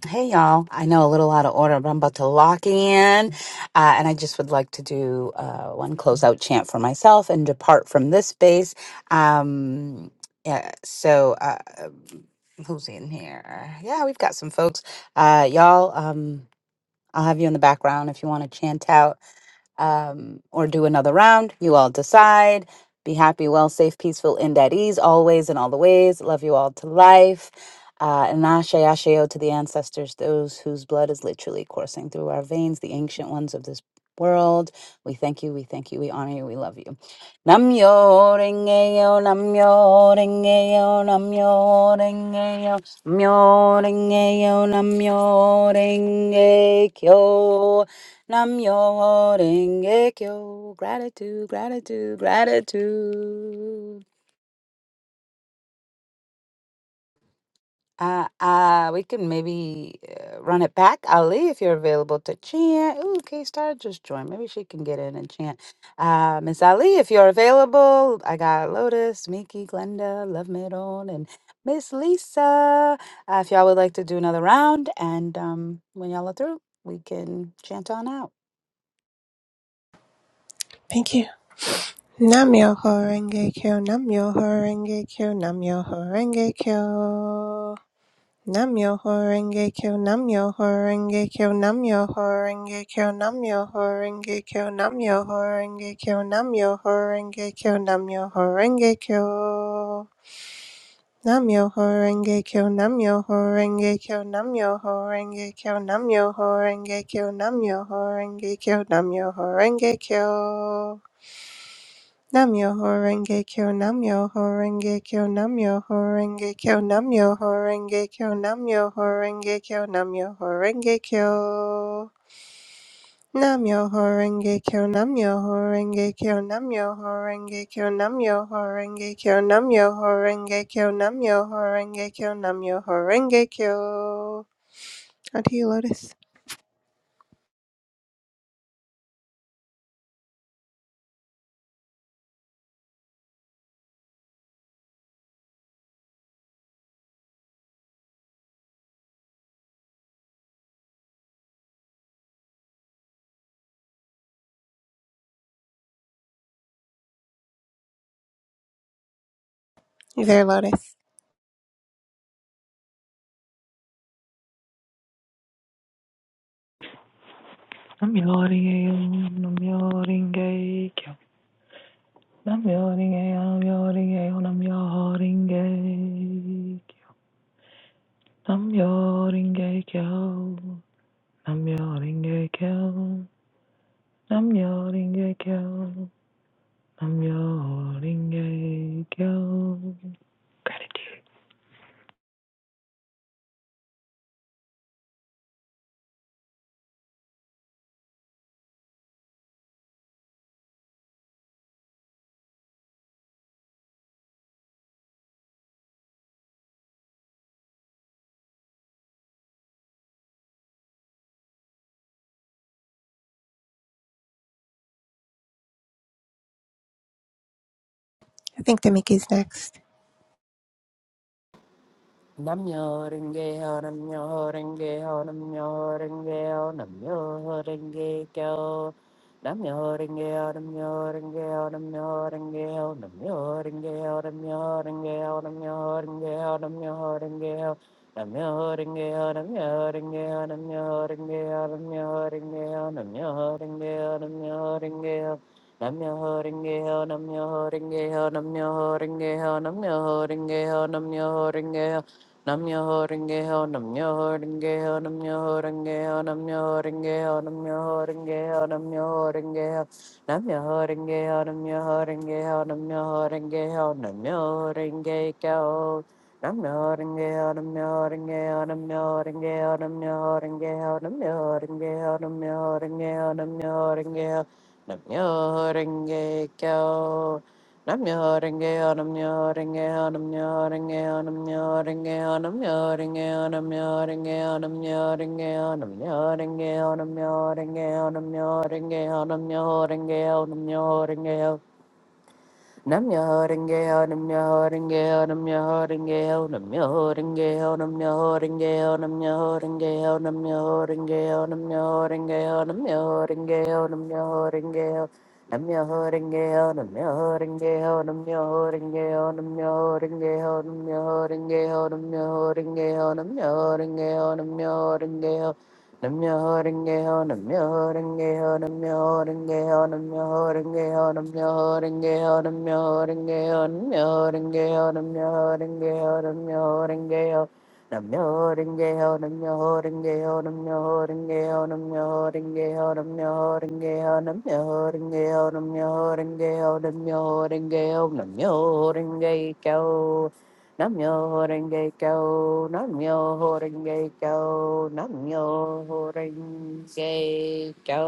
Speaker 1: Hey y'all, I know a little out of order, but I'm about to lock in. Uh, and I just would like to do uh, one closeout chant for myself and depart from this space. Um, yeah, so, uh, who's in here? Yeah, we've got some folks. Uh, y'all, um, I'll have you in the background if you want to chant out um, or do another round. You all decide. Be happy, well, safe, peaceful, end at ease, always and all the ways. Love you all to life. Uh, and ashe asheo to the ancestors, those whose blood is literally coursing through our veins, the ancient ones of this world. We thank you, we thank you, we honor you, we love you. Namyo renge-yo, namyo renge-yo, namyo renge-yo, myo renge-yo, namyo renge-kyo. Nam yo renge kyo. Gratitude, gratitude, gratitude. Uh, uh, we can maybe uh, run it back. Ali, if you're available to chant. Ooh, K Star just joined. Maybe she can get in and chant. Uh, Miss Ali, if you're available, I got Lotus, Miki, Glenda, Love Middle, and Miss Lisa. Uh, if y'all would like to do another round, and um, when y'all are through, we can chant on out.
Speaker 2: Thank you. Namyoho Renge Kyo Namyoho Renge Kyo Namyoho horenge Kyo. Namyoho Renge Kyo, Namyoho Renge Kyo, Namyoho Renge Kyo, Namyoho Renge Kyo, Namyoho Renge Kyo, Namyoho Renge Kyo, Namyoho Renge Kyo. Namyoho Renge Kyo, Namyoho Renge Kyo, Namyoho Renge Kyo, Namyoho Renge Kyo, Namyoho Renge Kyo, Namyoho Renge Kyo. Namyo Horenge Kyo Namyo Horenge Kyo Namyo Horenge Kyo Namyo Horenge Kyo Namyo Horenge Kyo Namyo Horenge Kyo Namyo Horenge Kyo Namyo Horenge Kyo Namyo Horenge Kyo Namyo Horenge Kyo Namyo Horenge Kyo Namyo Horenge Kyo Namyo Horenge Kyo On to you, Lotus. You there, Lotus?
Speaker 4: Namjoringeyo, namjoringeyo, namjoringeyo, namjoringeyo, namjoringeyo, namjoringeyo, namjoringeyo, namjoringeyo, namjoringeyo. Gratitude.
Speaker 2: I think the Mickey's next.
Speaker 14: Namyo Renge Ho Namyo Renge Ho Namyo Renge Ho Namyo Renge Kyo Namyo Renge Ho Namyo Renge Ho Namyo Renge Ho Namyo Renge Ho Namyo Renge Ho Namyo Renge Ho Namyo Renge Ho Namyo Renge Ho Namyo Renge Ho Namyo Renge Ho Namyo Renge Ho Namyo Renge Ho Namyo Renge Ho Namyo Renge Ho Namyo Renge Ho Namyo Renge Ho Namyo Renge Ho Namyo Renge Ho ring a ho, nam yo ho ring a ho, nam yo ho ring a ho, Nam-myoho-renge-ho, Nam-myoho-renge-ho, Nam-myoho-renge-ho, Nam-myoho-renge-ho, Nam-myoho-renge-ho, Nam-myoho-renge-ho, Nam-myoho-renge-ho, Nam-myoho-renge-ho, Nam-myoho-renge-ho, Nam-myoho-renge-kyo. Nam-myoho-renge-ho, Nam-myoho-renge-ho, Nam-myoho-renge-ho, Nam-myoho-renge-ho, Nam-myoho-renge-ho, Nam-myoho-renge-ho, Nam-myoho-renge-ho, Nam-myoho-renge-kyo. Nam yo renge yo nam yo renge yo nam yo renge yo nam yo renge yo nam yo renge yo nam yo renge yo nam yo renge yo nam yo renge yo nam yo renge yo nam yo renge yo nam yo renge yo nam yo renge yo Nam your holding gale, nam your holding gale, nam your holding gale, nam your holding gale, nam your holding gale, nam your holding gale, nam your holding gale, nam your holding gale, nam your holding gale, nam your holding gale. Nam your holding gale, nam your holding gale, nam your holding gale, nam your holding gale, nam your holding gale, nam your holding gale, nam your holding gale, nam your holding gale. Nam-myoho-renge-kyo. Nam-myoho-renge-kyo. Nam-myoho-renge-kyo. Nam-myoho-renge-kyo. Nam-myoho-renge-kyo. Nam-myoho-renge-kyo. Nam-myoho-renge-kyo. Nam-myoho-renge-kyo. Nam-myoho-renge-kyo. Nam-myoho-renge-kyo. Nam-myoho-renge-kyo. Nam-myoho-renge-kyo. Nam-myoho-renge-kyo. Nam-myoho-renge-kyo. Nam-myoho-renge-kyo. Nam-myoho-renge-kyo. Nam-myoho-renge-kyo. Nam-myoho-renge-kyo. Namyo Namyo Renge Kyo, Namyo Renge Kyo, Namyo Renge Kyo.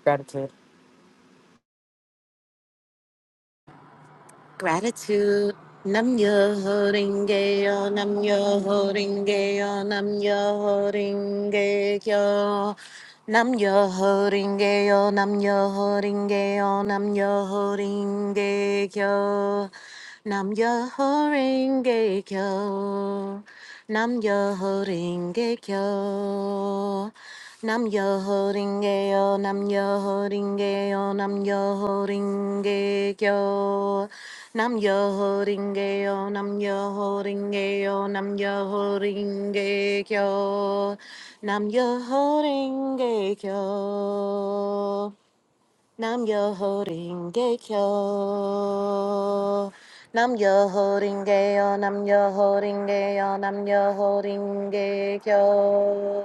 Speaker 14: Gratitude.
Speaker 12: Gratitude. Nam yo holding gay yo, nam yo holding gay yo, nam yo holding gay yo. Nam yo holding gay yo, nam yo holding gay yo, nam yo holding gay yo. Nam yo ho renge kyo. Nam yo ho renge kyo. Nam yo ho renge yo. Nam yo ho renge yo. Nam yo ho renge kyo. Nam yo ho renge yo. Nam yo ho renge yo. Nam yo ho renge kyo. Nam yo ho renge kyo. Nam yo holding gay kyo. Nam yo holding gay on. Nam yo holding gay on. Nam yo holding gay kyo.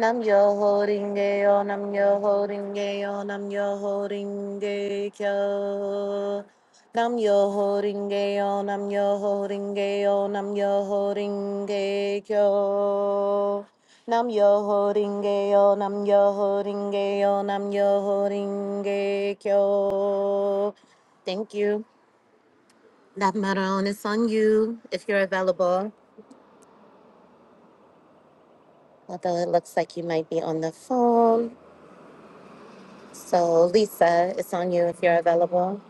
Speaker 12: Nam yo holding gay on. Nam yo holding gay on. Nam yo holding gay kyo. Nam yo ho ringe yo, nam yo ho ringe yo, nam yo ho ringe kyo. Nam yo ho ringe yo, nam yo ho ringe yo, nam yo ho ringe kyo. Thank you. That Maron is on you if you're available. Although it looks like you might be on the phone. So, Lisa, it's on you if you're available.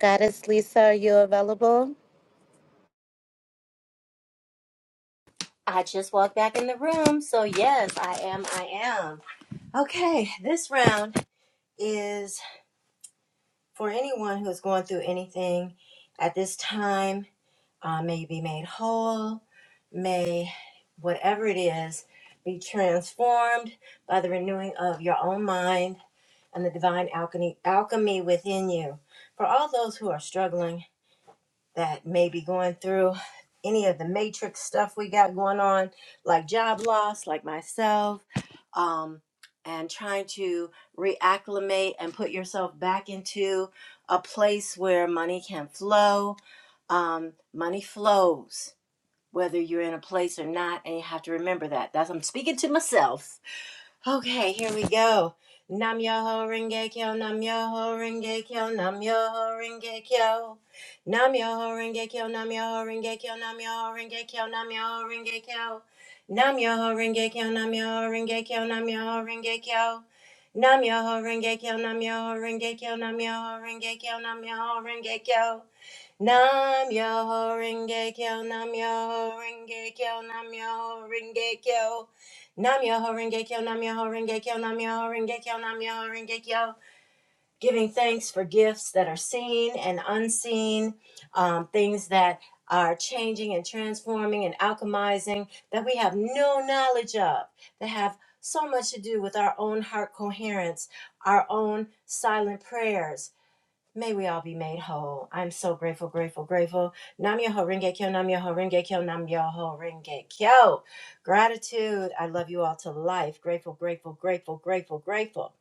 Speaker 12: Goddess Lisa, are you available?
Speaker 13: I just walked back in the room, so yes, I am, I am. Okay, this round is for anyone who is going through anything at this time, uh, may you be made whole, may whatever it is be transformed by the renewing of your own mind and the divine alchemy, alchemy within you. For all those who are struggling, that may be going through any of the matrix stuff we got going on, like job loss, like myself, um, and trying to reacclimate and put yourself back into a place where money can flow. Um, money flows whether you're in a place or not, and you have to remember that. That's I'm speaking to myself Okay, here we go. Nam Yoho Renge Kyo, Nam Yoho Renge Kyo, Nam Yoho Renge Kyo. Nam Yoho Renge Kyo, Nam Yoho Renge Kyo, Nam Yoho Renge Kyo, Nam Yoho Renge Kyo. Nam Yoho Renge Kyo, Nam Yoho Renge Kyo, Nam Yoho Renge Kyo. Nam Yoho Renge Kyo, Nam Yoho Renge Kyo, Nam Yoho Renge Kyo, Nam Yoho Renge Kyo. Nam yo renge kyo, nam yo renge kyo, nam yo renge kyo. Nam yo renge kyo, nam yo renge kyo, nam yo renge kyo, nam yo renge kyo. Giving thanks for gifts that are seen and unseen, um, things that are changing and transforming and alchemizing that we have no knowledge of, that have so much to do with our own heart coherence, our own silent prayers May we all be made whole. I'm so grateful, grateful, grateful. Nam Yoho Renge Kyo, Nam Yoho Renge Kyo, Nam Yoho Renge Kyo. Gratitude. I love you all to life. Grateful, grateful, grateful, grateful, grateful.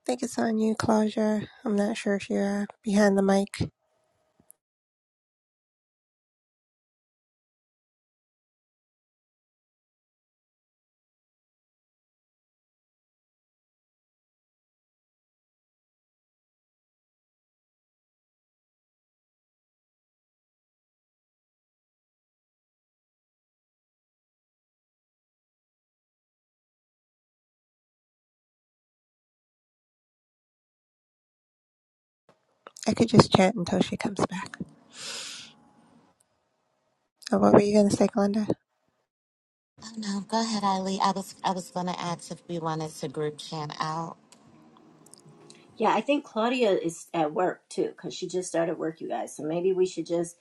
Speaker 2: I think it's on you, Claudia. I'm not sure if you're uh, behind the mic. I could just chat until she comes back. Oh, what were you gonna say, Glenda?
Speaker 12: No, go ahead, Eileen. I was I was gonna ask if we wanted to group chant out.
Speaker 13: Yeah, I think Claudia is at work too, because she just started work, you guys. So maybe we should just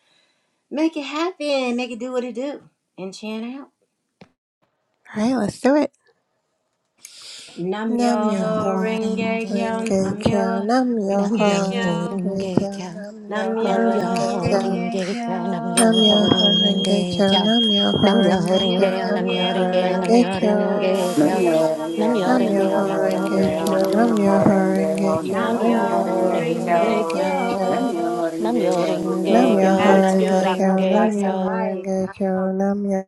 Speaker 13: make it happen, make it do what it do, and chant out.
Speaker 2: Alright, let's do it.
Speaker 13: Nam
Speaker 2: Nam
Speaker 12: Nam yo
Speaker 13: Yoho
Speaker 2: Namyoho
Speaker 12: holding
Speaker 13: Renge
Speaker 12: gay,
Speaker 13: Kyo,
Speaker 2: Renge
Speaker 13: Nam
Speaker 2: Kyo,
Speaker 13: Yoho
Speaker 2: Namyoho
Speaker 12: nam yo
Speaker 13: Renge Kyo.
Speaker 12: holding
Speaker 2: Renge
Speaker 12: gay,
Speaker 2: Kyo, Namyoho
Speaker 13: Namyo
Speaker 12: nam yo
Speaker 2: Renge Kyo.
Speaker 12: holding
Speaker 13: Renge
Speaker 12: gay,
Speaker 13: Kyo.
Speaker 12: nam yo
Speaker 2: Namyoho
Speaker 12: holding
Speaker 2: Renge
Speaker 12: gay,
Speaker 2: Kyo, Namyoho
Speaker 12: nam yo
Speaker 2: Renge
Speaker 12: holding
Speaker 13: Namyo
Speaker 2: Kyo,
Speaker 12: gay, nam
Speaker 13: Renge
Speaker 12: yo
Speaker 13: Kyo,
Speaker 2: Namyoho
Speaker 12: holding gay,
Speaker 13: Namyo
Speaker 12: nam
Speaker 2: Renge
Speaker 12: yo
Speaker 13: Renge Kyo,
Speaker 12: holding
Speaker 13: Namyo
Speaker 2: Kyo.
Speaker 12: gay,
Speaker 13: Renge
Speaker 14: Namyo
Speaker 13: Kyo,
Speaker 14: Renge
Speaker 12: nam
Speaker 13: Namyo
Speaker 12: yo
Speaker 14: Ho,
Speaker 13: Renge Kyo,
Speaker 2: Namyoho
Speaker 14: Namyo
Speaker 13: Namyo
Speaker 14: Renge
Speaker 2: Renge
Speaker 13: Renge
Speaker 12: holding
Speaker 14: Ho,
Speaker 2: Kyo,
Speaker 13: Kyo.
Speaker 14: Namyo
Speaker 12: gay,
Speaker 2: Namyoho
Speaker 14: Renge Ho,
Speaker 2: Renge Kyo,
Speaker 12: nam
Speaker 14: Namyo
Speaker 13: Namyo
Speaker 12: yo
Speaker 14: Renge
Speaker 2: Namyoho
Speaker 12: holding
Speaker 14: Kyo.
Speaker 13: Renge Kyo.
Speaker 2: Renge
Speaker 12: gay.
Speaker 14: Namyo
Speaker 2: Kyo.
Speaker 12: Nam
Speaker 14: Renge
Speaker 12: yo ho
Speaker 14: Ho,
Speaker 12: ring
Speaker 14: Namyo
Speaker 12: ge
Speaker 2: Namyoho
Speaker 12: kyo. Nam yo ring ge kyo.
Speaker 14: Renge
Speaker 12: Nam
Speaker 14: Ho,
Speaker 13: Gratitude.
Speaker 12: yo
Speaker 2: Renge
Speaker 13: I
Speaker 12: ring
Speaker 13: love
Speaker 2: Kyo,
Speaker 13: you
Speaker 12: ge
Speaker 13: guys to
Speaker 12: kyo.
Speaker 2: Namyoho Renge Kyo,
Speaker 13: life.
Speaker 2: Namyoho